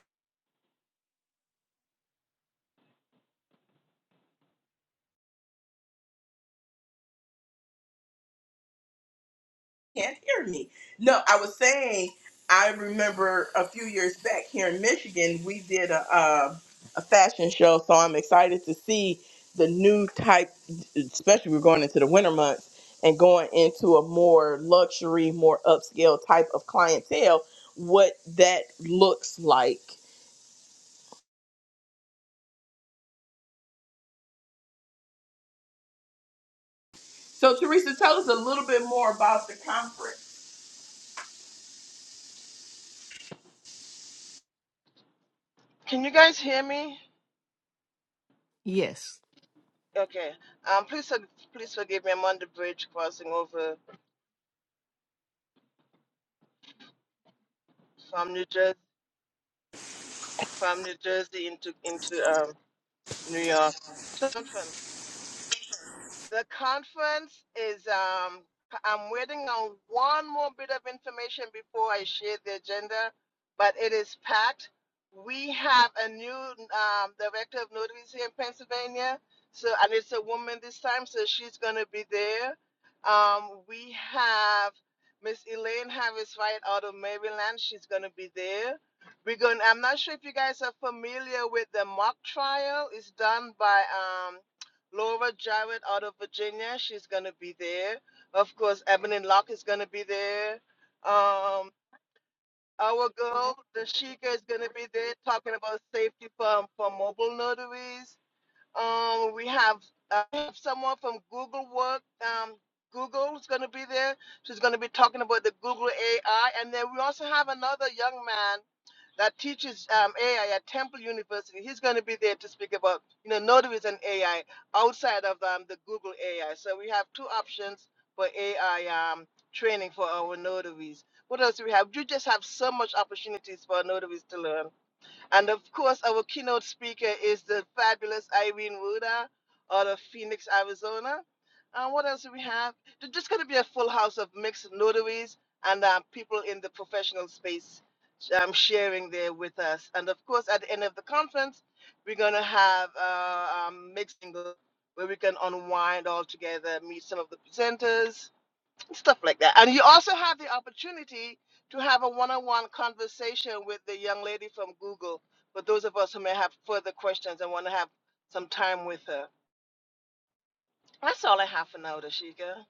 can't hear me. No, I was saying I remember a few years back here in Michigan, we did a uh, a fashion show, so I'm excited to see the new type. Especially we're going into the winter months and going into a more luxury, more upscale type of clientele. What that looks like. So Teresa, tell us a little bit more about the conference.
Can you guys hear me?
Yes.
Okay. Um, please, for- please forgive me. I'm on the bridge crossing over from New Jersey, from New Jersey into into um New York. Conference. The conference is, um, I'm waiting on one more bit of information before I share the agenda, but it is packed. We have a new um, director of notaries here in Pennsylvania, so and it's a woman this time, so she's going to be there. Um, we have Miss Elaine Harris Wright out of Maryland. She's going to be there. We're going. I'm not sure if you guys are familiar with the mock trial. It's done by um, Laura Jarrett out of Virginia. She's gonna be there. Of course, Ebony Locke is gonna be there. Um, our girl, the Sheikah, is gonna be there talking about safety for for mobile notaries. Um, we have uh, we have someone from Google Work. Um, Google's going to be there. She's going to be talking about the Google AI, and then we also have another young man that teaches um, AI at Temple University. He's going to be there to speak about you know notaries and AI outside of um, the Google AI. So we have two options for AI um, training for our notaries. What else do we have? You just have so much opportunities for notaries to learn. And of course, our keynote speaker is the fabulous Irene Ruda out of Phoenix, Arizona. And what else do we have? There's just going to be a full house of mixed notaries and um, people in the professional space um, sharing there with us. And of course, at the end of the conference, we're going to have uh, um, mixing where we can unwind all together, meet some of the presenters, stuff like that. And you also have the opportunity to have a one-on-one conversation with the young lady from Google. For those of us who may have further questions and want to have some time with her, that's all I have for now, Dashika.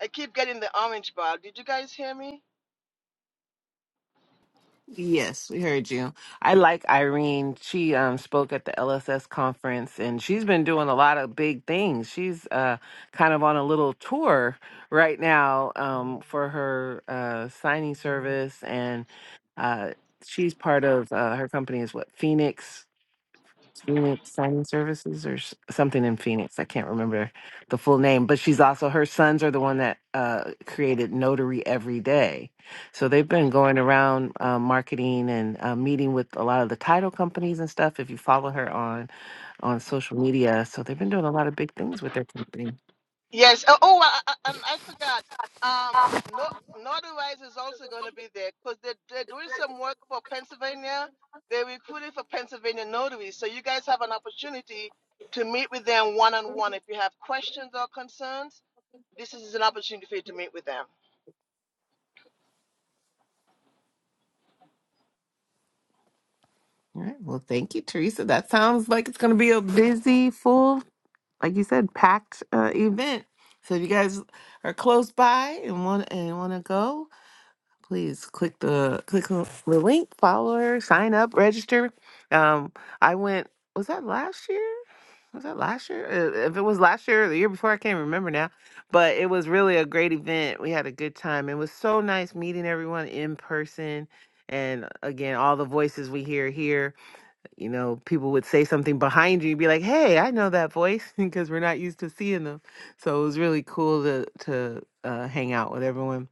I keep getting the orange bar. Did you guys hear me?
Yes, we heard you. I like Irene. She um, spoke at the LSS conference and she's been doing a lot of big things. She's uh, kind of on a little tour right now um, for her uh, signing service. And uh, she's part of uh, her company, is what, Phoenix? Phoenix Signing Services or s- something in Phoenix. I can't remember the full name, but she's also her sons are the one that uh, created Notary Every Day. So they've been going around uh, marketing and uh, meeting with a lot of the title companies and stuff. If you follow her on on social media, so they've been doing a lot of big things with their company.
Yes. Oh, oh I, I, um, I forgot. Um, no, Northern Rise is also going to be there because they're, they're doing some work for Pennsylvania. They're recruiting for Pennsylvania notaries. So you guys have an opportunity to meet with them one on one. If you have questions or concerns, this is an opportunity for you to meet with them.
All right. Well, thank you, Teresa. That sounds like it's going to be a busy, full, like you said, packed uh, event. So if you guys are close by and want and want to go, please click the click on the link, follow her, sign up, register. Um, I went. Was that last year? Was that last year? Uh, If it was last year or the year before, I can't remember now. But it was really a great event. We had a good time. It was so nice meeting everyone in person. And again, all the voices we hear here, you know, people would say something behind you, you'd be like, "Hey, I know that voice," because we're not used to seeing them. So it was really cool to to uh, hang out with everyone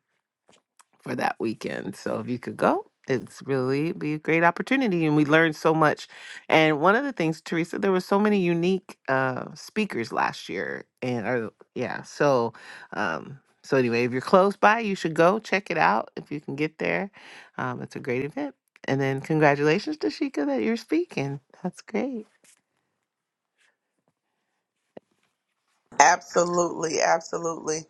for that weekend. So if you could go, it's really be a great opportunity. And we learned so much. And one of the things, Teresa, there were so many unique uh, speakers last year. And or, yeah, so um, so anyway, if you're close by, you should go check it out if you can get there. Um, it's a great event. And then congratulations to Sheikah that you're speaking. That's great.
Absolutely, absolutely.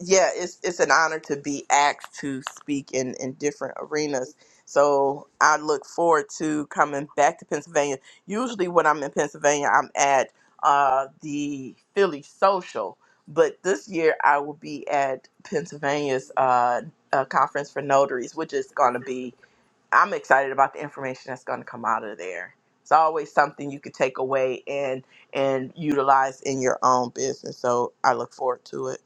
yeah, it's it's an honor to be asked to speak in in different arenas. So I look forward to coming back to Pennsylvania. Usually, when I'm in Pennsylvania, I'm at uh, the Philly Social, but this year I will be at Pennsylvania's uh, uh, conference for notaries, which is going to be. I'm excited about the information that's going to come out of there. It's always something you could take away and and utilize in your own business. So I look forward to it.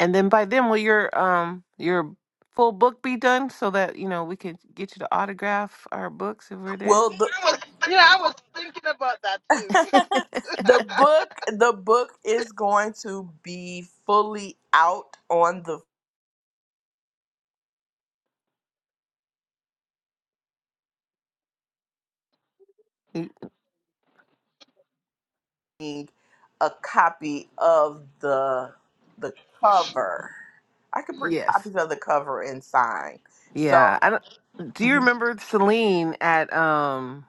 And then by then, will your um your full book be done so that you know we can get you to autograph our books if we're
Well,
there?
the,
Yeah, I was thinking about that too.
the book the book is going to be fully out on the thing, a copy of the the cover i could bring
Yes.
copies of the cover and sign
Yeah.
so
I don't, do you
mhm.
remember Celine at um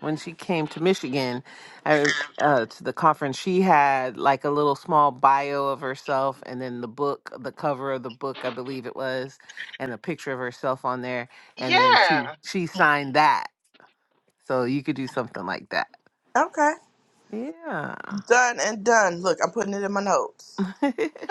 when she came to Michigan I, uh to the conference she had like a little small bio of herself and then the book the cover of the book I believe it was and a picture of herself on there and then
Yeah.
she she signed that. So you could do something like that.
okay
Yeah.
done and done look i'm putting it in my notes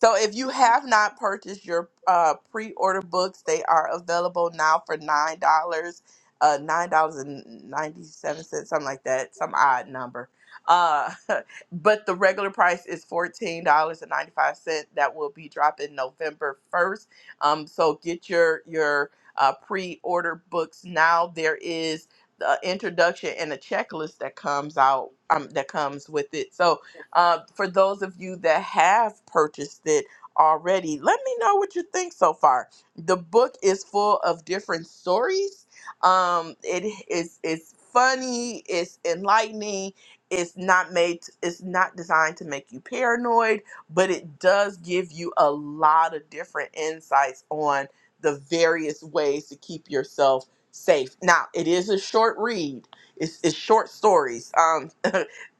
So if you have not purchased your uh, pre-order books, they are available now for nine dollars, uh, nine dollars and ninety-seven cents, something like that, some odd number. Uh, but the regular price is fourteen dollars and ninety-five cent. That will be dropping November first. Um, so get your your uh, pre-order books now. There is the introduction and a checklist that comes out um, that comes with it. So uh, for those of you that have purchased it already, let me know what you think so far. The book is full of different stories. Um, it is it's funny, it's enlightening, it's not made it's not designed to make you paranoid, but it does give you a lot of different insights on the various ways to keep yourself safe. Now, it is a short read. It's, it's short stories. Um,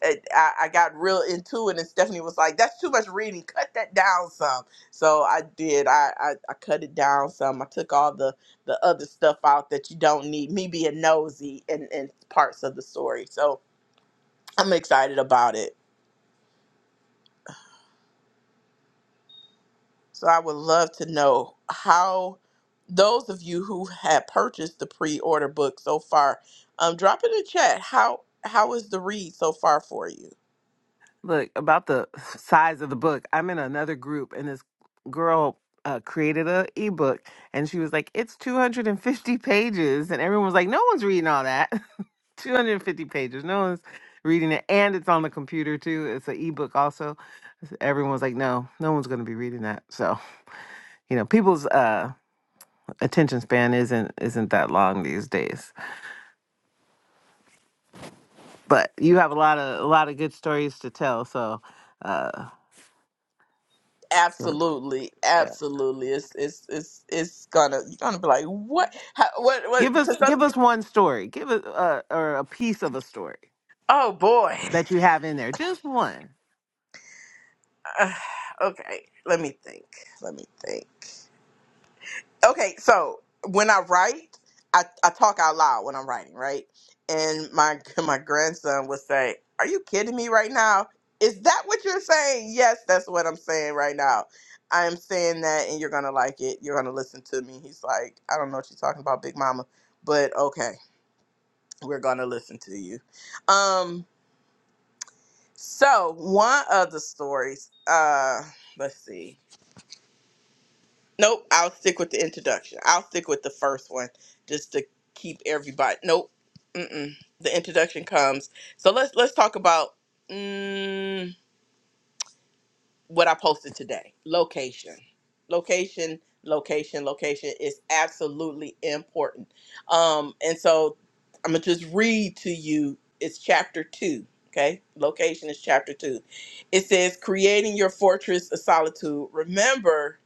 it- I, I got real into it, and Stephanie was like, "That's too much reading. Cut that down some." So I did. I, I I cut it down some. I took all the the other stuff out that you don't need. Me being nosy and and parts of the story. So I'm excited about it. So I would love to know how those of you who have purchased the pre-order book so far, um, drop in the chat how how is the read so far for you?
Look, about the size of the book, I'm in another group, and this girl uh, created a ebook, and she was like, "It's 250 pages," and everyone was like, "No one's reading all that. 250 pages. No one's reading it, and it's on the computer too. It's an ebook also." Everyone was like, "No, no one's going to be reading that." So, you know, people's uh, attention span isn't isn't that long these days. But you have a lot of a lot of good stories to tell, so. Uh, Sure.
Absolutely, absolutely. It's it's it's it's gonna you're gonna be like what How, what what?
Give us
'cause
give
that's-
us one story. Give us uh, or a piece of a story
oh boy.
that you have in there. Just one.
okay, let me think. Let me think. okay so when i write I, I talk out loud when i'm writing right and my my grandson would say are you kidding me right now is that what you're saying yes that's what i'm saying right now i am saying that and you're gonna like it you're gonna listen to me he's like i don't know what you're talking about big mama but okay we're gonna listen to you um so one of the stories uh let's see Nope, I'll stick with the introduction. I'll stick with the first one just to keep everybody. Nope, mm-mm. the introduction comes. So let's let's talk about mm, what I posted today. Location, location, location, location is absolutely important. Um, and so I'm gonna just read to you. It's chapter two. Okay, location is chapter two. It says creating your fortress of solitude. Remember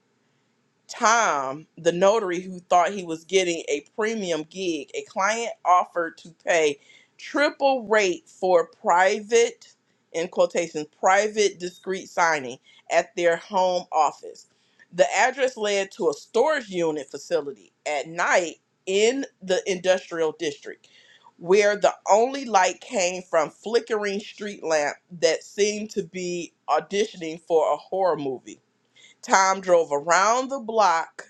time, the notary who thought he was getting a premium gig, a client offered to pay triple rate for private, in quotations, private discreet signing at their home office. The address led to a storage unit facility at night in the industrial district, where the only light came from flickering street lamp that seemed to be auditioning for a horror movie. Tom drove around the block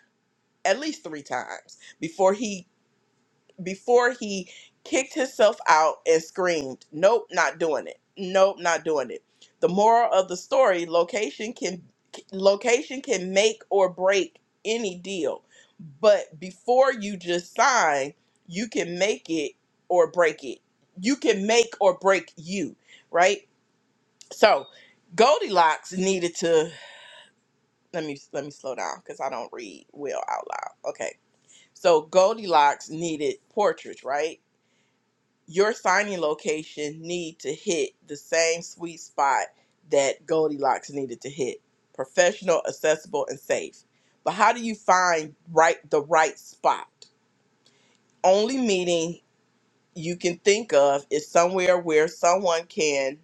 at least three times before he before he kicked himself out and screamed, "Nope, not doing it. Nope, not doing it." The moral of the story: location can location can make or break any deal, but before you just sign, you can make it or break it. You can make or break you, right? So, Goldilocks needed to let me let me slow down because I don't read well out loud. Okay, so Goldilocks needed portraits, right? Your signing location need to hit the same sweet spot that Goldilocks needed to hit: professional, accessible, and safe. But how do you find right the right spot? Only meeting you can think of is somewhere where someone can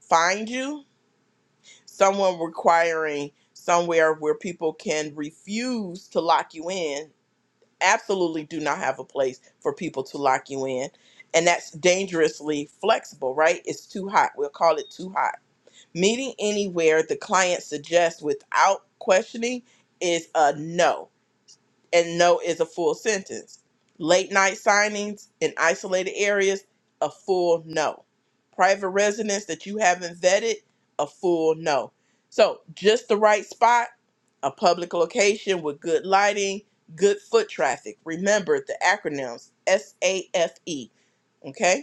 find you, someone requiring somewhere where people can refuse to lock you in absolutely do not have a place for people to lock you in. And that's dangerously flexible, right? It's too hot. We'll call it too hot. Meeting anywhere the client suggests without questioning is a no and no is a full sentence. Late night signings in isolated areas, a full no. Private residence that you haven't vetted, a full no. So, just the right spot, a public location with good lighting, good foot traffic. Remember the acronyms S A F E. Okay?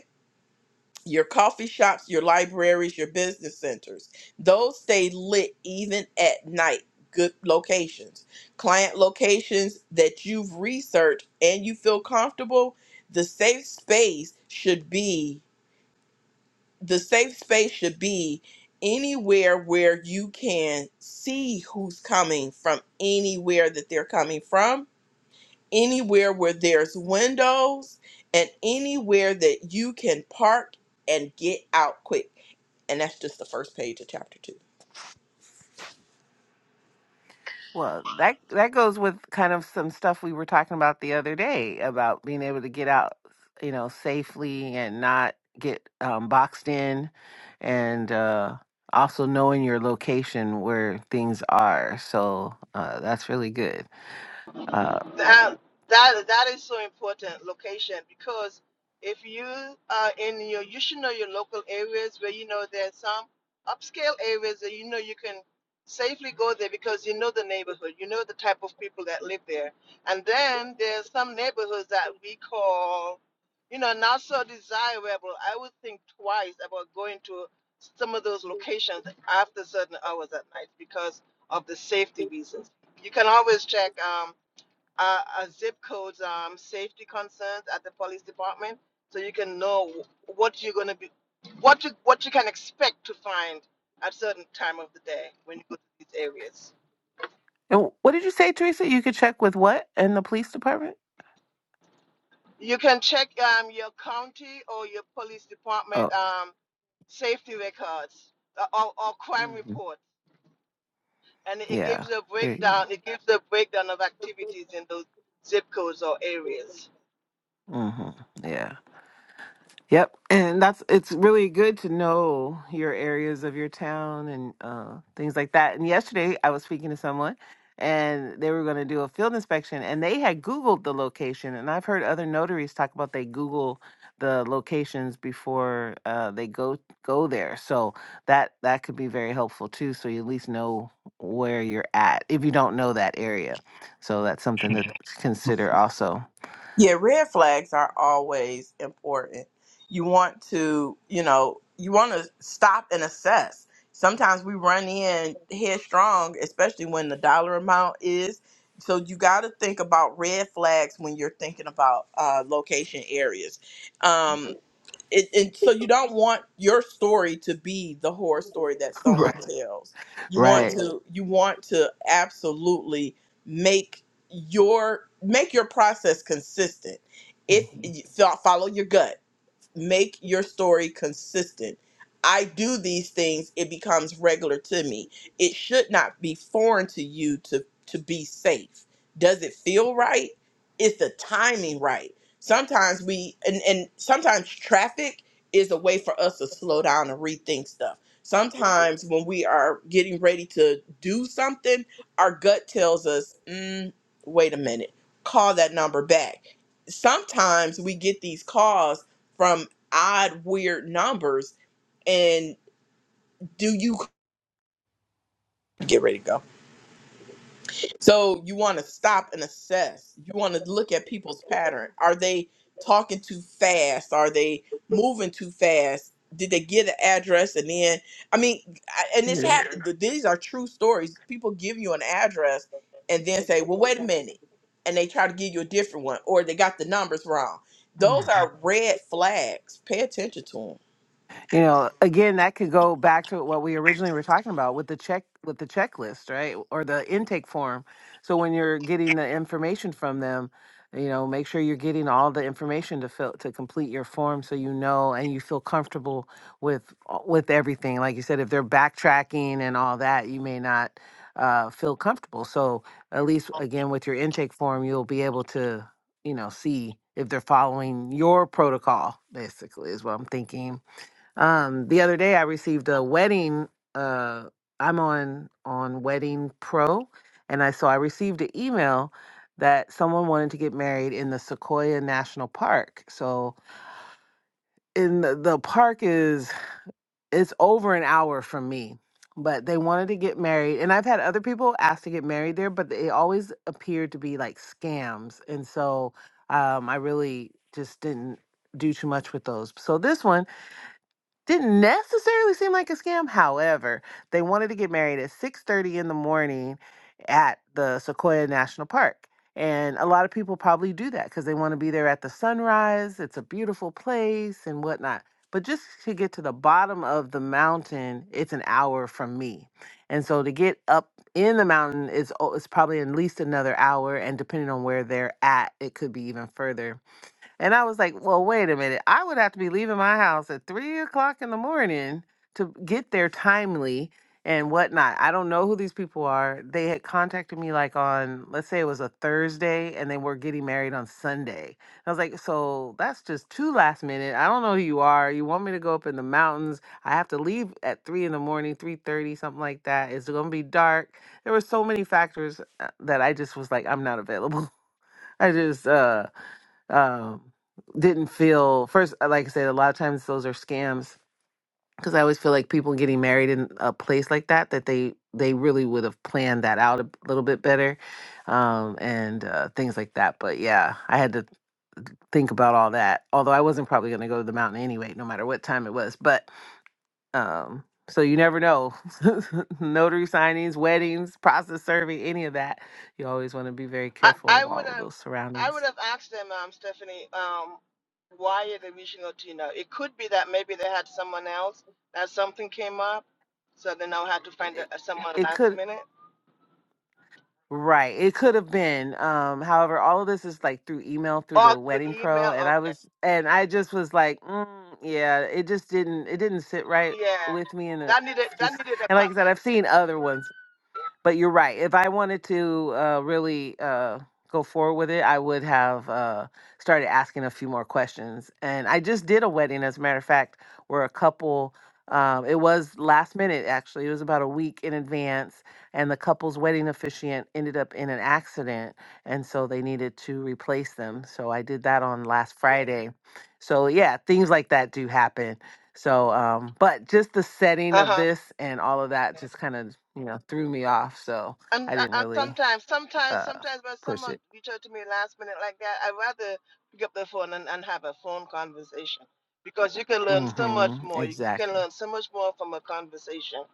your coffee shops, your libraries, your business centers. Those stay lit even at night. Good locations, client locations that you've researched and you feel comfortable. The safe space should be the safe space should be anywhere where you can see who's coming from anywhere that they're coming from anywhere where there's windows and anywhere that you can park and get out quick. And that's just the first page of chapter two.
Well, that that goes with kind of some stuff we were talking about the other day about being able to get out, you know, safely and not get um, boxed in, and uh, also knowing your location where things are. So uh, that's really good. Uh,
That that that is so important location because if you are in your you should know your local areas where you know there's some upscale areas that you know you can safely go there because you know the neighborhood, you know the type of people that live there. And then there's some neighborhoods that we call, you know, not so desirable. I would think twice about going to some of those locations after certain hours at night because of the safety reasons. You can always check. Um, uh, uh, zip codes, um, safety concerns at the police department, so you can know what you're going to be, what you what you can expect to find at certain time of the day when you go to these areas.
and what did you say, Teresa? You could check with what in the police department?
You can check um, your county or your police department
Oh,
um, safety records uh, or, or crime
mhm.
reports, and it
yeah.
gives a
There you
breakdown. It gives a breakdown of activities in those zip codes or areas.
hmm Yeah. Yep. And that's it's really good to know your areas of your town and uh, things like that. And yesterday I was speaking to someone and they were going to do a field inspection and they had Googled the location. And I've heard other notaries talk about they Google the locations before uh, they go go there. So that that could be very helpful too. So you at least know where you're at if you don't know that area. So that's something to consider also.
Yeah, red flags are always important. You want to, you know, you want to stop and assess. Sometimes we run in headstrong, especially when the dollar amount is. So you got to think about red flags when you're thinking about uh, location areas. Um, it, and so you don't want your story to be the horror story that
right.
someone tells. You want
Right.
to you want to absolutely make your make your process consistent. If fo- follow your gut, make your story consistent. I do these things, it becomes regular to me. It should not be foreign to you to to be safe. Does it feel right? Is the timing right? Sometimes we and, and sometimes traffic is a way for us to slow down and rethink stuff. Sometimes when we are getting ready to do something, our gut tells us, mm, wait a minute, call that number back sometimes we get these calls from odd, weird numbers. And do you get ready to go? So you want to stop and assess. You want to look at people's pattern. Are they talking too fast? Are they moving too fast? Did they get an address and then? I mean, I- and this happened. th- These are true stories. People give you an address and then say, "Well, wait a minute," and they try to give you a different one, or they got the numbers wrong. Those
Mm.
are red flags. Pay attention to them.
You know, again, that could go back to what we originally were talking about with the check with the checklist, right? Or the intake form. So when you're getting the information from them, you know, make sure you're getting all the information to fill to complete your form so you know and you feel comfortable with uh, with everything. Like you said, if they're backtracking and all that, you may not uh, feel comfortable. So at least again with your intake form, you'll be able to, you know, see if they're following your protocol, basically, is what I'm thinking. Um, the other day I received a wedding. Uh, I'm on on Wedding Pro, and I so I received an email that someone wanted to get married in the Sequoia National Park. So in the, the park is it's over an hour from me, but they wanted to get married, and I've had other people ask to get married there, but they always appeared to be like scams, and so um, I really just didn't do too much with those. So this one didn't necessarily seem like a scam. However, they wanted to get married at 6:30 in the morning at the Sequoia National Park. And a lot of people probably do that because they want to be there at the sunrise. It's a beautiful place and whatnot. But just to get to the bottom of the mountain, it's an hour from me. And so to get up in the mountain is, oh, it's probably at least another hour. And depending on where they're at, it could be even further. And I was like, well, wait a minute. I would have to be leaving my house at three o'clock in the morning to get there timely and whatnot. I don't know who these people are. They had contacted me like on, let's say it was a Thursday and they were getting married on Sunday. I was like, so that's just too last minute. I don't know who you are. You want me to go up in the mountains. I have to leave at three in the morning, 3.30, something like that. It's going to be dark. There were so many factors uh, that I just was like, I'm not available. I just, uh, um, didn't feel first. uh, Like I said, a lot of times those are scams because I always feel like people getting married in a place like that that they they really would have planned that out a little bit better, um, and uh, things like that. But yeah, I had to think about all that. Although I wasn't probably going to go to the mountain anyway, no matter what time it was. But um, so you never know. Notary signings, weddings, process serving, any of that. You always want to be very
I,
careful
I
of all
would
of
have
those
I
surroundings.
would have asked them, um, Stephanie, um, why are they reaching out to you now? It could be that maybe they had someone else that something came up, so they now had to find
It,
a, someone
it
last
could
minute
Right. It could have been. Um, however, all of this is like through email, through
or
the
through
wedding pro,
email.
and I
Okay,
was, and I just was like, mm, yeah, it just didn't, it didn't sit right
yeah,
with me, and
that needed that
just,
needed
and like
a
I said, I've seen other ones but you're right. If I wanted to uh, really uh, go forward with it, I would have uh, started asking a few more questions. And I just did a wedding, as a matter of fact, where a couple. Um, it was last minute, actually. It was about a week in advance, and the couple's wedding officiant ended up in an accident, and so they needed to replace them. So I did that on last Friday. So yeah, things like that do happen. So, um, but just the setting of
uh
this and all of that just kind of, you know, threw me
huh.
off. So
And,
I didn't
and
really
sometimes, sometimes,
uh
sometimes when
push
someone
it.
reach out to me last minute like that, I'd rather pick up the phone and, and have a phone conversation because you can learn so much
hmm
more. You, you can
Exactly.
learn so much more from a conversation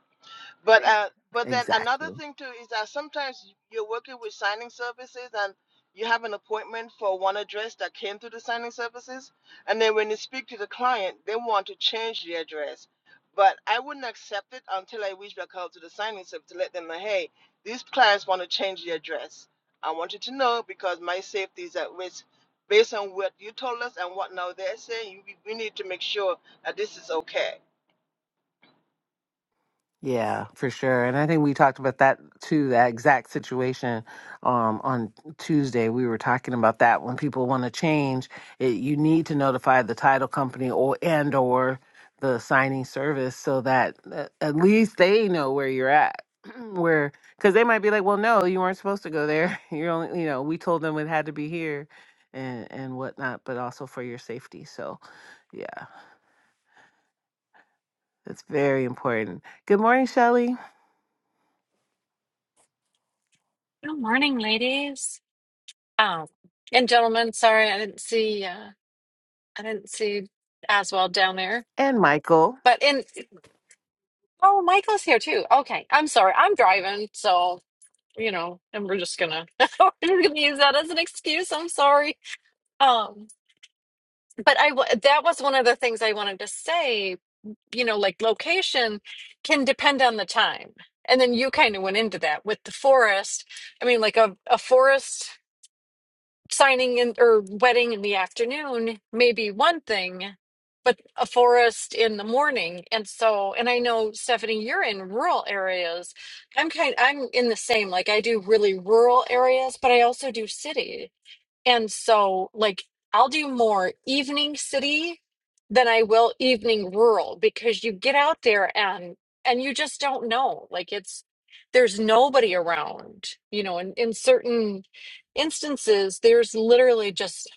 but uh, but then another
Exactly.
thing too is that sometimes y- you're working with signing services and you have an appointment for one address that came through the signing services, and then when you speak to the client, they want to change the address. But I wouldn't accept it until I reach back out to the signing service to let them know, hey, these clients want to change the address. I want you to know because my safety is at risk based on what you told us and what now they're saying. You, we we need to make sure that this is okay.
Yeah, for sure. And I think we talked about that too, that exact situation um, on Tuesday. We were talking about that when people want to change, it, you need to notify the title company or and or the signing service so that uh, at least they know where you're at. Where because they might be like, well, no, you weren't supposed to go there. You're only, you know, we told them it had to be here and and whatnot, but also for your safety. So yeah, it's very important. Good morning, Shelley
Good morning, ladies. Oh, and gentlemen, sorry, I didn't see uh I didn't see Aswell down there.
and Michael.
But in oh, Michael's here too. Okay. I'm sorry. I'm driving, so you know, and we're just gonna we're just gonna use that as an excuse. I'm sorry. Um, but I w- that was one of the things I wanted to say, you know, like location can depend on the time. And then you kind of went into that with the forest. I mean, like a, a forest. signing in or wedding in the afternoon may be one thing, but a forest in the morning. And so, and I know Stephanie, you're in rural areas. I'm kind, I'm in the same. Like I do really rural areas, but I also do city. And so, like, I'll do more evening city than I will evening rural because you get out there and and you just don't know. Like it's there's nobody around, you know, in, in certain instances, there's literally just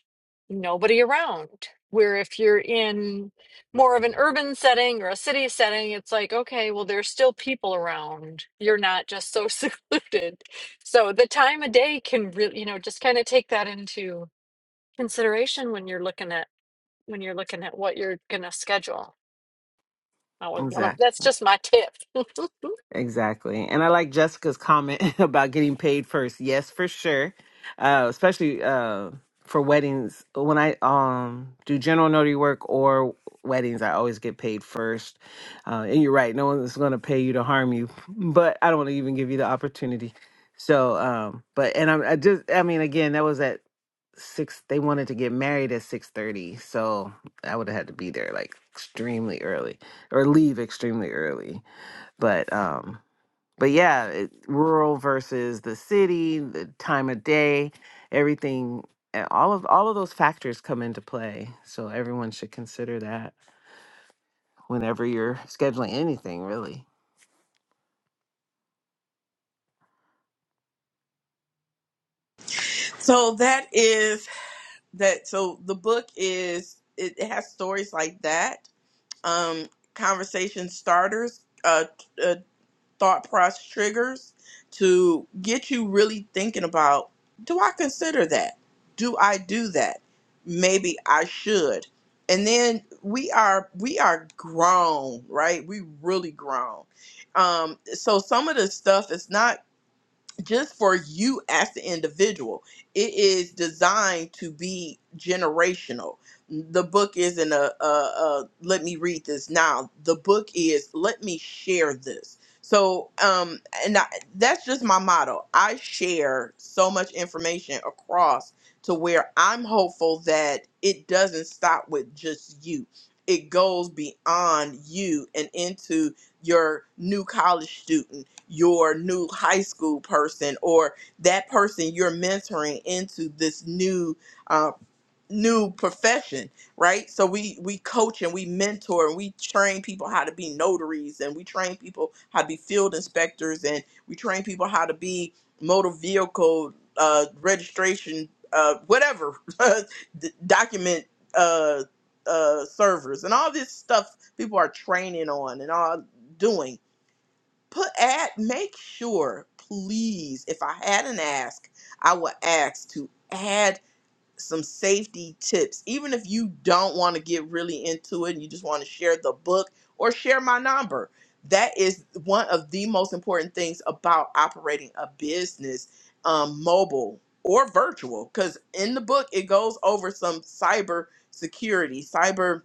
nobody around. Where if you're in more of an urban setting or a city setting, it's like, okay, well, there's still people around. You're not just so secluded. So the time of day can really, you know, just kind of take that into consideration when you're looking at when you're looking at what you're gonna schedule. That was one of,
Exactly.
that's just my tip.
Exactly. And I like Jessica's comment about getting paid first. Yes, for sure. Uh, especially uh, for weddings. When I um do general notary work or weddings, I always get paid first. Uh, and you're right, no one's going to pay you to harm you, but I don't want to even give you the opportunity. So, um, but and I, I just, I mean, again, that was at six. They wanted to get married at six thirty, so I would have had to be there like extremely early or leave extremely early but um but yeah it, rural versus the city the time of day everything uh, all of all of those factors come into play so everyone should consider that whenever you're scheduling anything really
So that is. that so the book is it, it has stories like that um conversation starters uh, uh thought process triggers to get you really thinking about do i consider that do i do that maybe i should and then we are we are grown right we really grown um so some of the stuff is not just for you as the individual. It is designed to be generational. The book isn't a, a, a let me read this now. The book is let me share this. So, um, and I, that's just my motto. I share so much information across to where I'm hopeful that it doesn't stop with just you. It goes beyond you and into your new college student your new high school person or that person you're mentoring into this new uh, new profession right so we we coach and we mentor and we train people how to be notaries and we train people how to be field inspectors and we train people how to be motor vehicle uh, registration uh, whatever d- document uh, uh, servers and all this stuff people are training on and all doing put add make sure please if i had an ask i would ask to add some safety tips even if you don't want to get really into it and you just want to share the book or share my number that is one of the most important things about operating a business um, mobile or virtual because in the book it goes over some cyber security cyber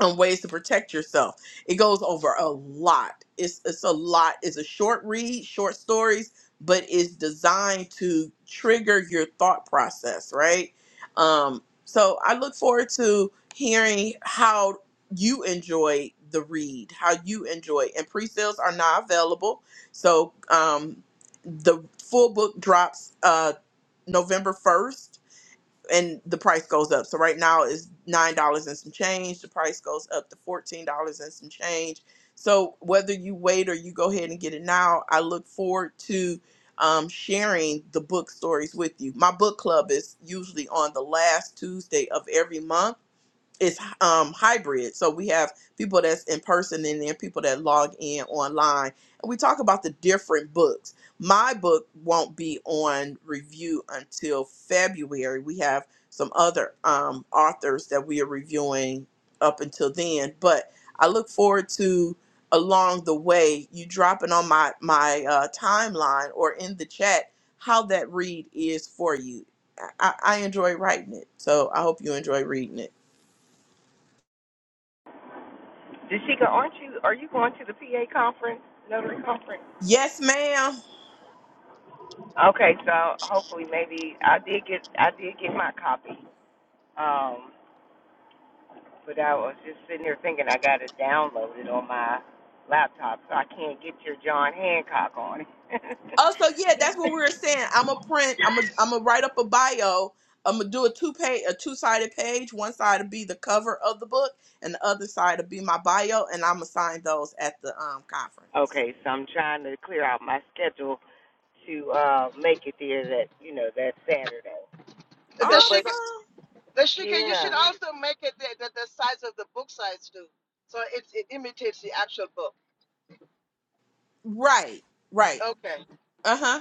on ways to protect yourself. It goes over a lot. It's it's a lot. It's a short read, short stories, but it's designed to trigger your thought process, right? Um, so I look forward to hearing how you enjoy the read, how you enjoy. it. And pre-sales are now available. So um, the full book drops uh, November first and the price goes up. So right now it's nine dollars and some change. The price goes up to fourteen dollars and some change. So whether you wait or you go ahead and get it now, I look forward to um, sharing the book stories with you. My book club is usually on the last Tuesday of every month it's um hybrid so we have people that's in person and then people that log in online and we talk about the different books my book won't be on review until february we have some other um authors that we are reviewing up until then but i look forward to along the way you dropping on my my uh, timeline or in the chat how that read is for you I, I I enjoy writing it so i hope you enjoy reading it
Dashika, aren't you? Are you going to the PA conference, notary conference?
Yes, ma'am.
Okay, so hopefully maybe I did get I did get my copy. Um, but I was just sitting here thinking I got it downloaded on my laptop, so I can't get your John Hancock on it.
Oh, so yeah, that's what we were saying. I'm a print. I'm a. I'm a write up a bio. I'm gonna do a two page, a two sided page. One side will be the cover of the book, and the other side will be my bio, and I'm gonna sign those at the um conference.
okay, so I'm trying to clear out my schedule to uh make it there that you know that Saturday. So, but
Awesome.
The shika, you should
yeah,
also make it the, the, the size of the book size too. So it, it imitates the actual book.
Right. Right.
Okay,
Uh huh.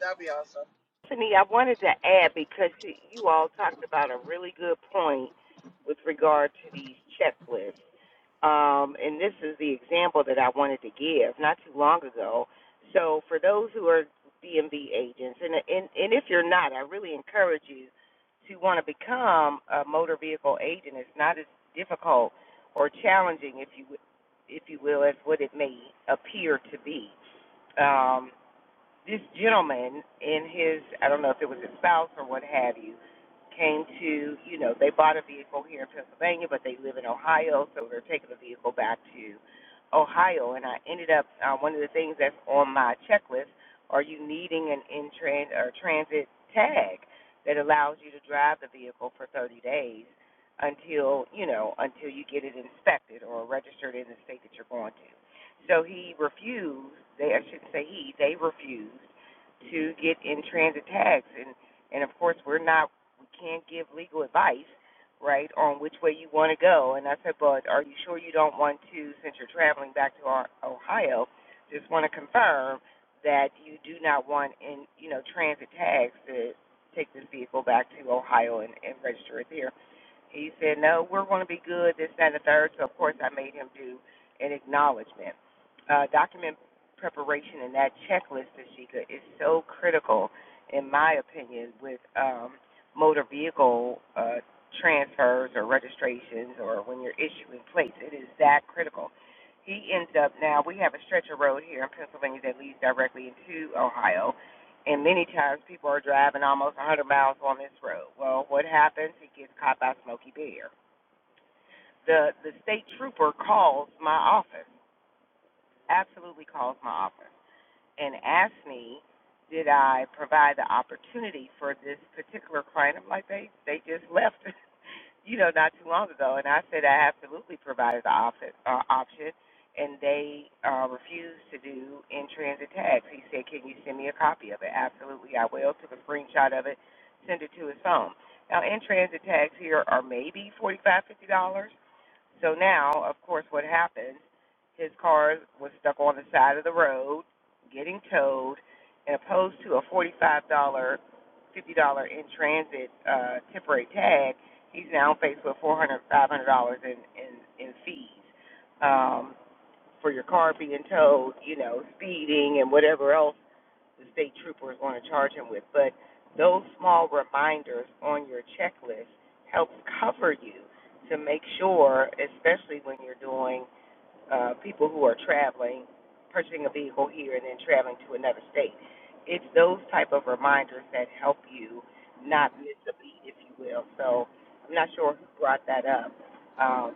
that will be awesome.
Tiffany, I wanted to add because you all talked about a really good point with regard to these checklists. Um, and this is the example that I wanted to give not too long ago. So, for those who are DMV agents, and, and, and if you're not, I really encourage you to want to become a motor vehicle agent. It's not as difficult or challenging, if you, if you will, as what it may appear to be. Um, this gentleman and his I don't know if it was his spouse or what have you came to you know they bought a vehicle here in Pennsylvania but they live in Ohio so they're taking the vehicle back to Ohio and I ended up uh, one of the things that's on my checklist are you needing an in tran or transit tag that allows you to drive the vehicle for 30 days until you know until you get it inspected or registered in the state that you're going to so he refused. They, I shouldn't say he. They refused to get in transit tags, and and of course we're not. We can't give legal advice, right, on which way you want to go. And I said, but are you sure you don't want to, since you're traveling back to Ohio, just want to confirm that you do not want in, you know, transit tags to take this vehicle back to Ohio and, and register it there. He said, No, we're going to be good, this, that, and the third. So, of course, I made him do an acknowledgement. Uh, document preparation and that checklist, Tashika, is so critical, in my opinion, with um, motor vehicle uh, transfers or registrations or when you're issuing plates. It is that critical. He ends up now, we have a stretch of road here in Pennsylvania that leads directly into Ohio. And many times people are driving almost 100 miles on this road. Well, what happens? He gets caught by Smokey Bear. The the state trooper calls my office. Absolutely calls my office and asked me, did I provide the opportunity for this particular client? I'm like, they they just left, you know, not too long ago, and I said I absolutely provided the op- uh, option, and they uh, refused to do in transit tags. He said, can you send me a copy of it? Absolutely, I will. Took a screenshot of it, send it to his phone. Now, in transit tags here are maybe forty five, fifty dollars. So now, of course, what happened? His car was stuck on the side of the road, getting towed, and opposed to a forty-five dollar, fifty dollar in transit uh, temporary tag, he's now faced with four hundred, five hundred dollars in in in fees um, for your car being towed, you know, speeding and whatever else the state trooper is going to charge him with. But those small reminders on your checklist helps cover you to make sure, especially when you're doing uh, people who are traveling, purchasing a vehicle here and then traveling to another state. It's those type of reminders that help you not miss a beat, if you will. So I'm not sure who brought that up, um,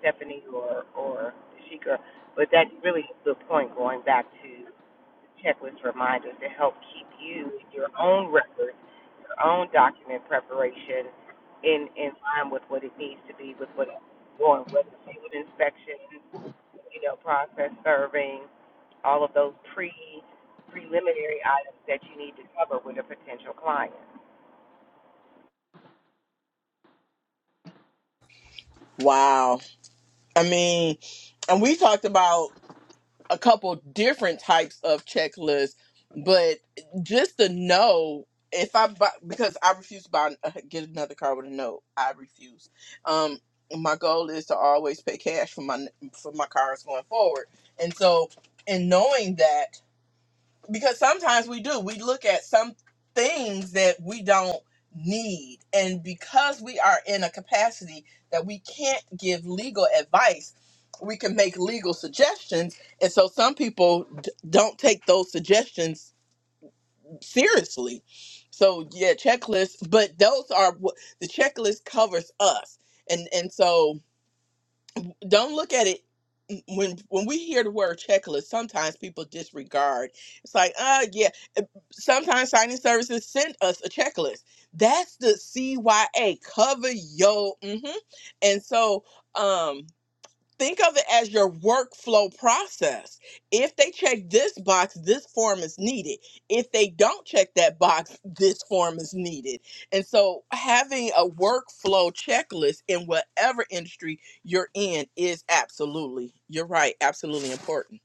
Stephanie or or Sheikah, but that's really the point. Going back to checklist reminders to help keep you, your own records, your own document preparation in, in line with what it needs to be, with what it's going, whether it's field inspection, you know, process serving, all of those pre preliminary items that you need to cover with a potential client.
Wow. I mean, and we talked about. a couple different types of checklists, but just to know if I buy because I refuse to buy get another car with a note. I refuse. Um, my goal is to always pay cash for my for my cars going forward, and so in knowing that because sometimes we do we look at some things that we don't need and because we are in a capacity that we can't give legal advice we can make legal suggestions and so some people d- don't take those suggestions seriously so yeah checklists but those are what the checklist covers us and and so don't look at it mm, when when we hear the word checklist sometimes people disregard it's like, ah yeah. Sometimes signing services send us a checklist. That's the CYA. Cover your hmm and so um think of it as your workflow process. If they check this box, this form is needed. If they don't check that box, this form is needed. And so having a workflow checklist in whatever industry you're in is absolutely, you're right, absolutely important.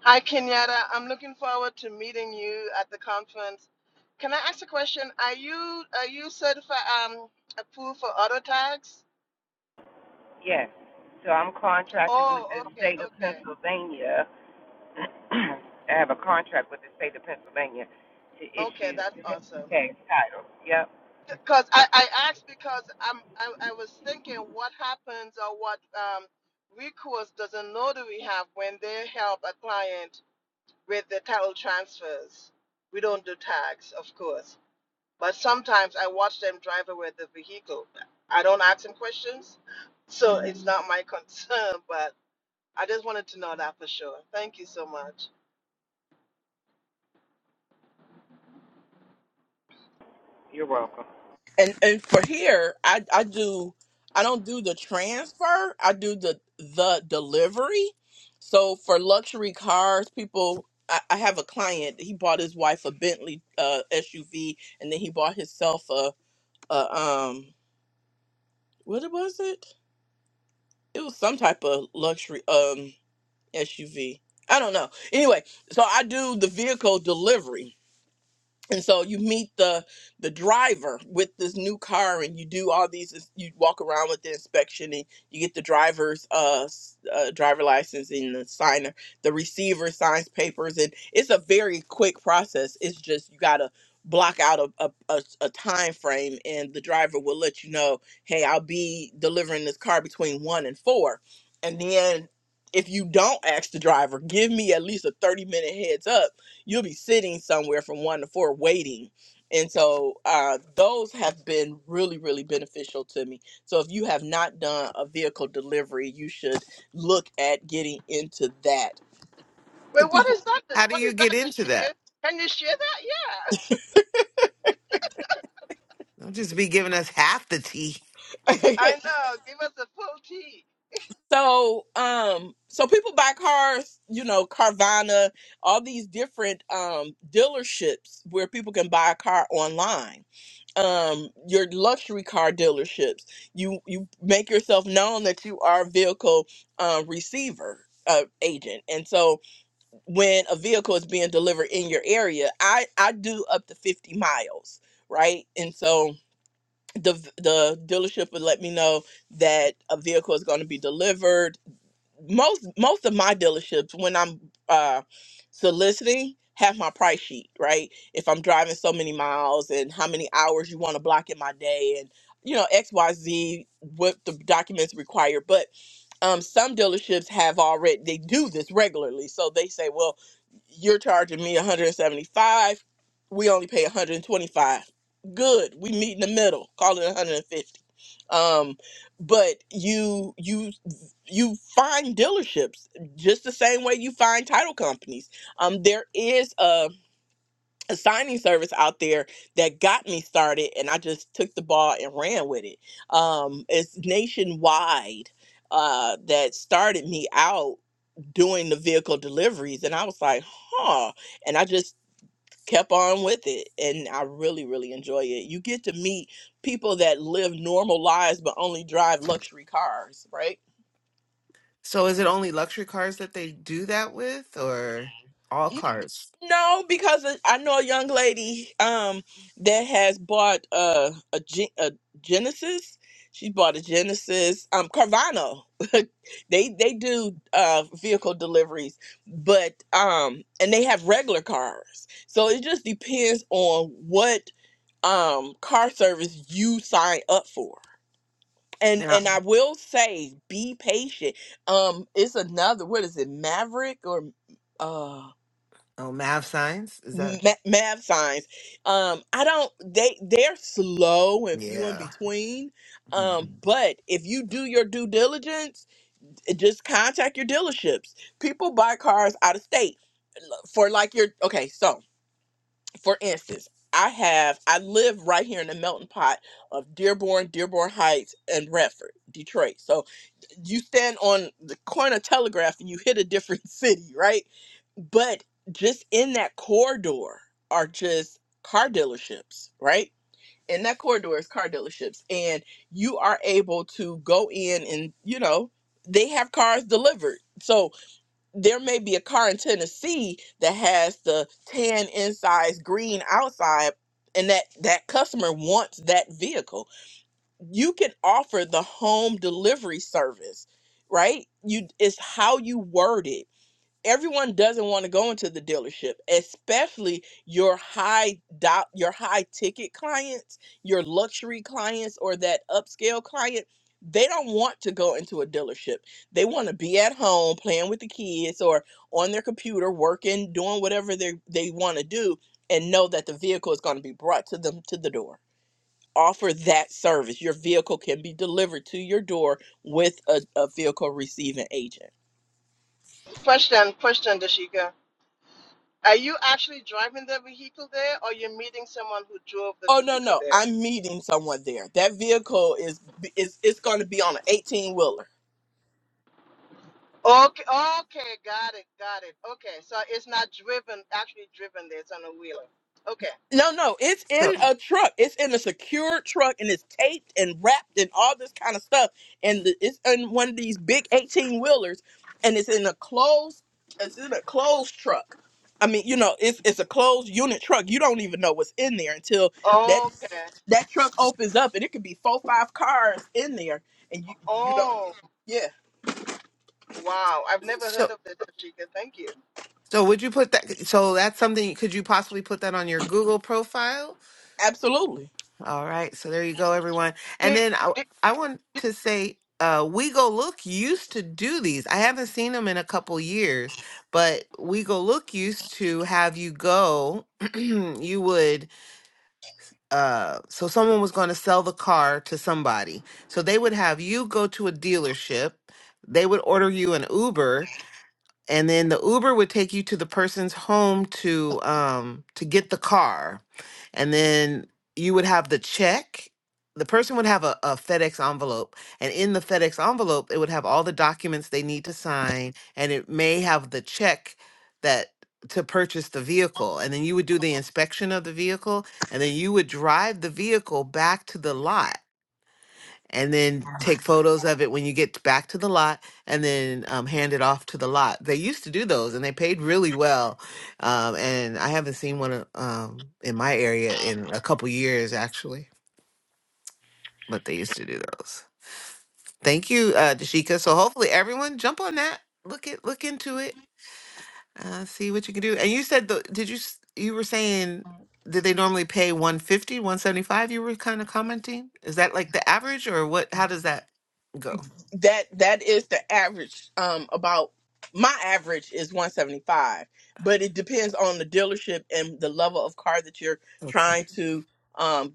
Hi, Kenyatta. I'm looking forward to meeting you at the conference. Can I ask a question? Are you are you certified um approved for auto tags?
Yes. So I'm contracted with
Oh,
the
okay,
state of
okay,
Pennsylvania. I have a contract with the state of Pennsylvania to
okay.
issue
That's awesome.
tax titles. Yep.
Because I, I asked because I'm I, I was thinking what happens or what um recourse does a notary have when they help a client with the title transfers. We don't do tags, of course. But sometimes I watch them drive away the vehicle. I don't ask them questions, so it's not my concern, but I just wanted to know that for sure. Thank you so much.
You're welcome.
and and for here i i do i don't do the transfer i do the the delivery so for luxury cars people i, I have a client he bought his wife a bentley uh suv and then he bought himself a, a um what it was it it was some type of luxury um suv i don't know anyway so i do the vehicle delivery and so you meet the the driver with this new car and you do all these you walk around with the inspection and you get the driver's uh, s- uh driver license and the signer the receiver signs papers and it's a very quick process it's just you gotta block out a, a, a, a time frame and the driver will let you know hey i'll be delivering this car between one and four and then if you don't ask the driver give me at least a 30 minute heads up you'll be sitting somewhere from one to four waiting. And so uh, those have been really, really beneficial to me. So if you have not done a vehicle delivery, you should look at getting into that. And
Wait, what
people,
is that?
How do
What
you
is that?
get into
Dashika?
that?
Can you share that? Yeah, I know. Give us a full tea.
so um, so people buy cars, you know, Carvana, all these different um dealerships where people can buy a car online um your luxury car dealerships you you make yourself known that you are a vehicle um receiver uh, agent and so when a vehicle is being delivered in your area i i do up to 50 miles right and so the the dealership would let me know that a vehicle is going to be delivered most most of my dealerships when I'm uh soliciting have my price sheet, right? If I'm driving so many miles and how many hours you want to block in my day and you know, XYZ what the documents require. But um, some dealerships have already they do this regularly so they say well you're charging me 175 we only pay 125 good we meet in the middle call it 150 um but you you you find dealerships just the same way you find title companies um there is a a signing service out there that got me started and I just took the ball and ran with it. Um, it's nationwide uh, that started me out doing the vehicle deliveries and I was like, huh. And I just kept on with it and I really, really enjoy it. You get to meet people that live normal lives but only drive luxury cars, right?
So is it only luxury cars that they do that with or all cars?
No, because I know a young lady um that has bought uh, a Gen- a Genesis. She bought a Genesis. Um, Carvana. they they do uh vehicle deliveries, but um and they have regular cars. So it just depends on what um car service you sign up for. And
yeah
and I will say, be patient. Um, it's another. What is it? Maverick or uh?
Oh, Mav signs? Is that?
ma- math signs um i don't they they're slow and few in
Yeah.
between um but if you do your due diligence eh, just contact your dealerships people buy cars out of state uh, for like your okay so for instance i have i live right here in the melting pot of dearborn dearborn heights and redford detroit so you stand on the corner of telegraph and you hit a different city right but just in that corridor are just car dealerships, right? In that corridor is car dealerships, and you are able to go in and you know they have cars delivered. So there may be a car in Tennessee that has the tan inside, green outside, and that that customer wants that vehicle. You can offer the home delivery service, right? You it's how you word it everyone doesn't want to go into the dealership, especially your high dot, your high ticket clients, your luxury clients, or that upscale client. They don't want to go into a dealership. They want to be at home playing with the kids or on their computer working, doing whatever they they want to do, and know that the vehicle is going to be brought to them to the door. Offer that service. Your vehicle can be delivered to your door with a, a vehicle receiving agent.
Question, question, Dashika. Are you actually driving the vehicle there, or you're meeting someone who drove the
Oh no,
vehicle
no,
there?
I'm meeting someone there. That vehicle is is it's going to be on an 18 wheeler.
Okay, okay, got it, got it. Okay, so it's not driven, actually driven there, it's on a wheeler. Okay,
No, no, it's
So,
in a truck. It's in a secured truck and it's taped and wrapped and all this kind of stuff. And the, it's in one of these big 18 wheelers, and it's in a closed. It's in a closed truck. I mean, you know, it's it's a closed unit truck. You don't even know what's in there until that
okay.
that truck opens up, and it could be four, five cars in there, and you you don't.
Oh,
Yeah,
wow. I've never heard
so,
of the dashika. Thank you.
so would you put that? So that's something. Could you possibly put that on your Google profile?
absolutely.
All right. So there you go, everyone. And
The,
then I,
the,
I want
the
to say, uh, We Go Look used to do these. I haven't seen them in a couple years, but We Go Look used to have you go. you would. Uh, so someone was going to sell the car to somebody. So they would have you go to a dealership. They would order you an Uber and then the Uber would take you to the person's home to um to get the car. And then you would have the check. The person would have a, a FedEx envelope, and in the FedEx envelope, it would have all the documents they need to sign, and it may have the check that to purchase the vehicle. And then you would do the inspection of the vehicle, and then you would drive the vehicle back to the lot and then take photos of it when you get back to the lot and then um, hand it off to the lot. They used to do those and they paid really well. Um, and I haven't seen one uh, um, in my area in a couple years, actually, but they used to do those. Thank you, uh, Dashika. So hopefully everyone jump on that. Look at look into it. Uh, see what you can do. And you said the, did you s- you were saying did they normally pay one fifty, one seventy five? you were kind of commenting? Is that like the average or what how does that go?
that that is the average um about my average is 175 but it depends on the dealership and the level of car that you're
Okay.
trying to um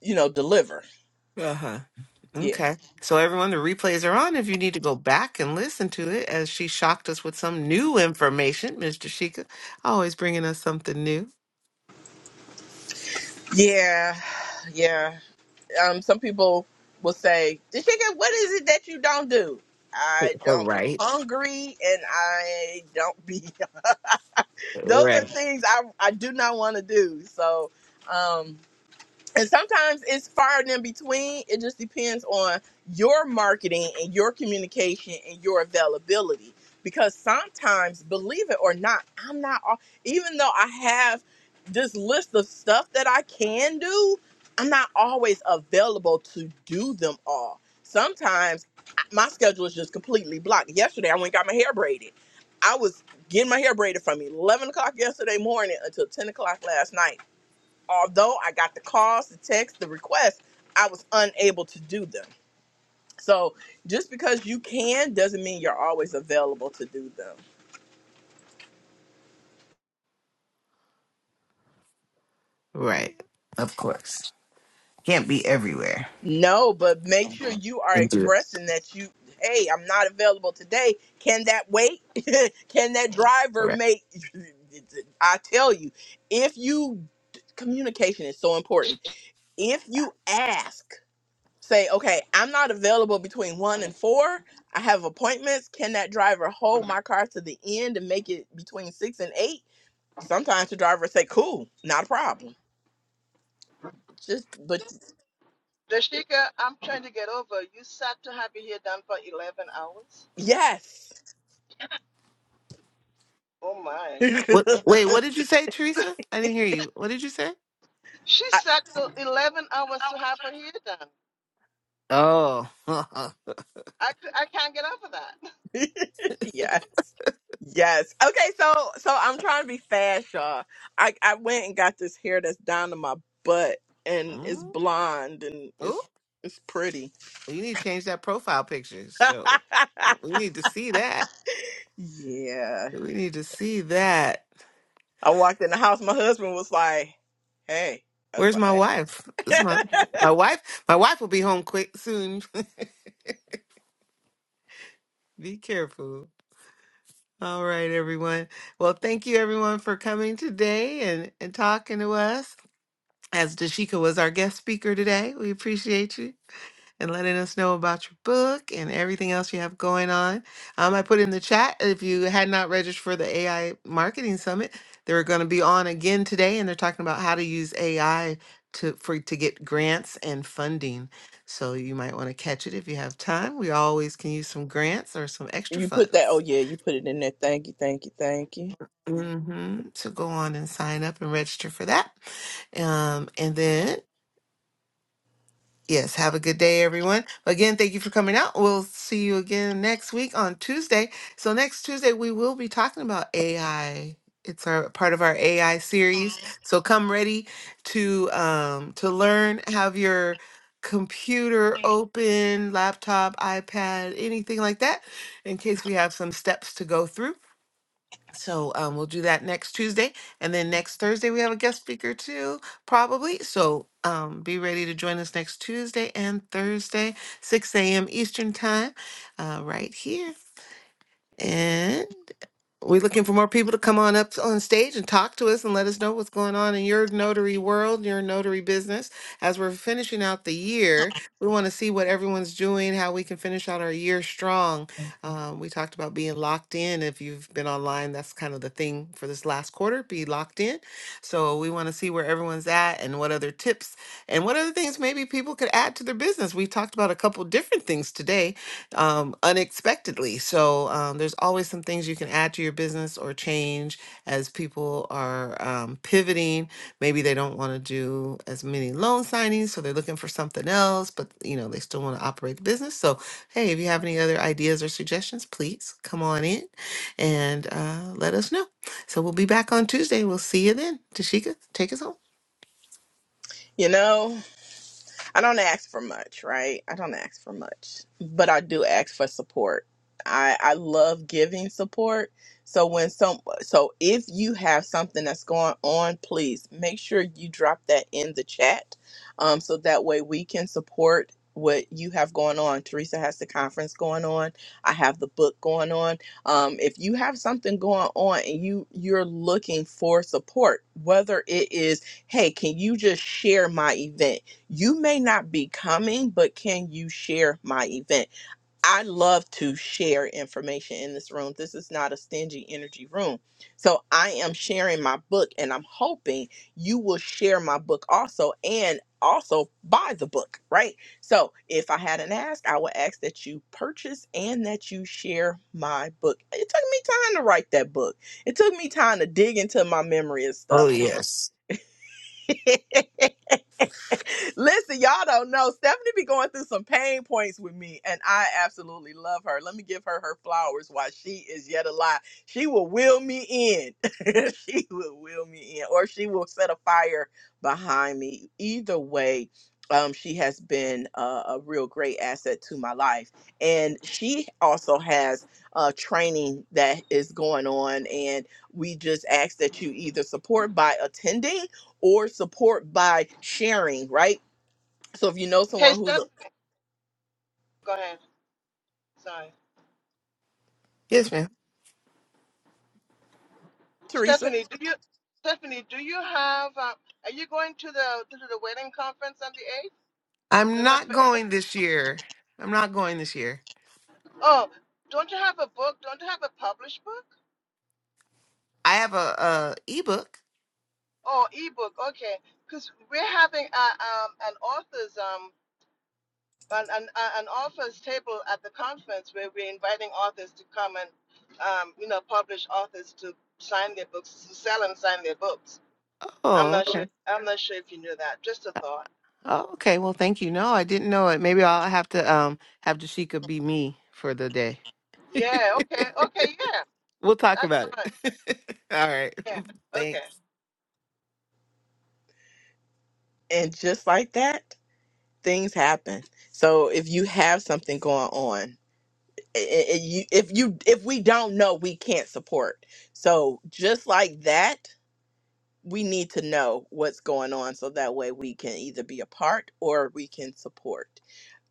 you know deliver
Uh-huh.
yeah
Okay. So everyone, the replays are on. If you need to go back and listen to it, as she shocked us with some new information, Mr. Sheikah, always bringing us something new.
yeah yeah um some people will say Deshika, what is it that you don't do i
Oh,
don't be
right,
hungry and i don't be those
right,
are things i i do not want to do so um, and sometimes it's far and in between. It just depends on your marketing and your communication and your availability. Because sometimes, believe it or not, I'm not, al- even though I have this list of stuff that I can do, I'm not always available to do them all. Sometimes I- my schedule is just completely blocked. Yesterday, I went and got my hair braided. I was getting my hair braided from 11 o'clock yesterday morning until 10 o'clock last night although I got the calls, the texts, the requests, I was unable to do them. So just because you can doesn't mean you're always available to do them.
right. Of course, can't be everywhere.
No, but make sure you are
Indeed.
expressing that you, hey, I'm not available today. Can that wait? can that driver
Right.
make? I tell you, if you, communication is so important. If you ask, say, okay, I'm not available between one and four. I have appointments. Can that driver hold my car to the end and make it between six and eight? Sometimes the driver say, cool, not a problem. Just, but
dashika, I'm trying to get over. You sat to have it here done for 11 hours?
yes,
Oh, my.
What?
I-
Wait, what did you say, Teresa? I didn't hear you. What did you say?
She sat till 11 hours to have her hair done.
Oh.
I, cou- I can't get over that.
yes, yes. Okay, so so I'm trying to be fast, y'all. I I went and got this hair that's down to my butt and
Mm.
it's blonde and
Oh,
it's it's pretty.
you need to change that profile picture. So we need to see that.
yeah,
We need to see that.
I walked in the house. My husband was like, "Hey," I was
Where's my wife? It's my
like,
my wife. My wife will be home quick soon. be careful. All right, everyone. Well, thank you everyone for coming today and, and talking to us. As Dashika was our guest speaker today, we appreciate you. and letting us know about your book and everything else you have going on. Um, I put in the chat if you had not registered for the AI Marketing Summit, they're going to be on again today, and they're talking about how to use AI to for to get grants and funding. So you might want to catch it if you have time. We always can use some grants or some extra
"You put that? Oh
funds.
yeah, you put it in there. Thank you, thank you, thank you."
Mm-hmm. So go on and sign up and register for that. Um, and then Yes, have a good day, everyone. Again, thank you for coming out. We'll see you again next week on Tuesday. So, next Tuesday, we will be talking about AI. It's our part of our AI series. So come ready to um to learn, have your computer open, laptop, iPad, anything like that, in case we have some steps to go through. So um, we'll do that next Tuesday. And then next Thursday, we have a guest speaker too, probably. So um, be ready to join us next Tuesday and Thursday, 6 a.m. Eastern Time, uh, right here. And we're looking for more people to come on up on stage and talk to us and let us know what's going on in your notary world, your notary business. As we're finishing out the year, we want to see what everyone's doing, how we can finish out our year strong. Um, we talked about being locked in. If you've been online, that's kind of the thing for this last quarter be locked in. So we want to see where everyone's at and what other tips and what other things maybe people could add to their business. We talked about a couple different things today um, unexpectedly. So um, there's always some things you can add to your business or change as people are um, pivoting. Maybe they don't want to do as many loan signings, so they're looking for something else, but you know they still want to operate the business. So hey, if you have any other ideas or suggestions, please come on in and uh, let us know. So we'll be back on Tuesday. We'll see you then. Tashika, take us home.
You know. I don't ask for much, right? I don't ask for much, but I do ask for support. I I love giving support. So when some so if you have something that's going on, please make sure you drop that in the chat, um, so that way we can support what you have going on. Teresa has the conference going on. I have the book going on. Um, if you have something going on and you you're looking for support, whether it is hey, can you just share my event? You may not be coming, but can you share my event? I love to share information in this room. This is not a stingy energy room. So I am sharing my book, and I'm hoping you will share my book also and also buy the book, right? So if I hadn't asked, I would ask that you purchase and that you share my book. It took me time to write that book, it took me time to dig into my memory and
Oh,
stuff.
yes.
Listen, y'all don't know. Stephanie be going through some pain points with me, and I absolutely love her. Let me give her her flowers while she is yet alive. She will will me in. she will will me in, or she will set a fire behind me. Either way, um, she has been uh, a real great asset to my life, and she also has uh, training that is going on, and we just ask that you either support by attending or support by sharing, right? So if you know
Hey,
someone who's
Stephanie,
a
go ahead. Sorry.
Yes, ma'am.
Teresa,
Stephanie, do you Stephanie, do you have um, are you going to the to the wedding conference on the
I'm
8th,
not
November 8th?
going this year. I'm not going this year.
Oh, don't you have a book? Don't you have a published book?
I have a, a ebook.
Oh, ebook. Okay. Cuz we're having a, um, an authors um an, an, a- an authors table at the conference where we're inviting authors to come and um, you know, publish authors to sign their books, to sell and sign their books. I'm
Oh,
not sure
okay.
I'm not sure if you knew that. Just a thought.
Oh, okay. Well, thank you. No, I didn't know it. Maybe I'll have to um have Jashika be me for the day.
Yeah, okay. Okay, yeah.
We'll talk
That's
about
fine.
it. All right.
Yeah.
Thanks.
Okay.
and just like that, things happen. So if you have something going on, i- i- i- you- if you if we don't know, we can't support. So just like that, we need to know what's going on, so that way we can either be a part or we can support.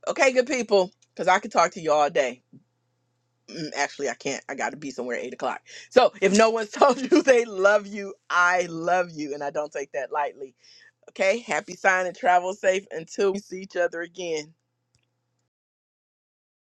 Okay, good people, because I could talk to you all day. Mm, Actually, I can't. I got to be somewhere at eight o'clock. So if no one's told you they love you, I love you, and I don't take that lightly Okay, happy sign and travel safe until we see each other again.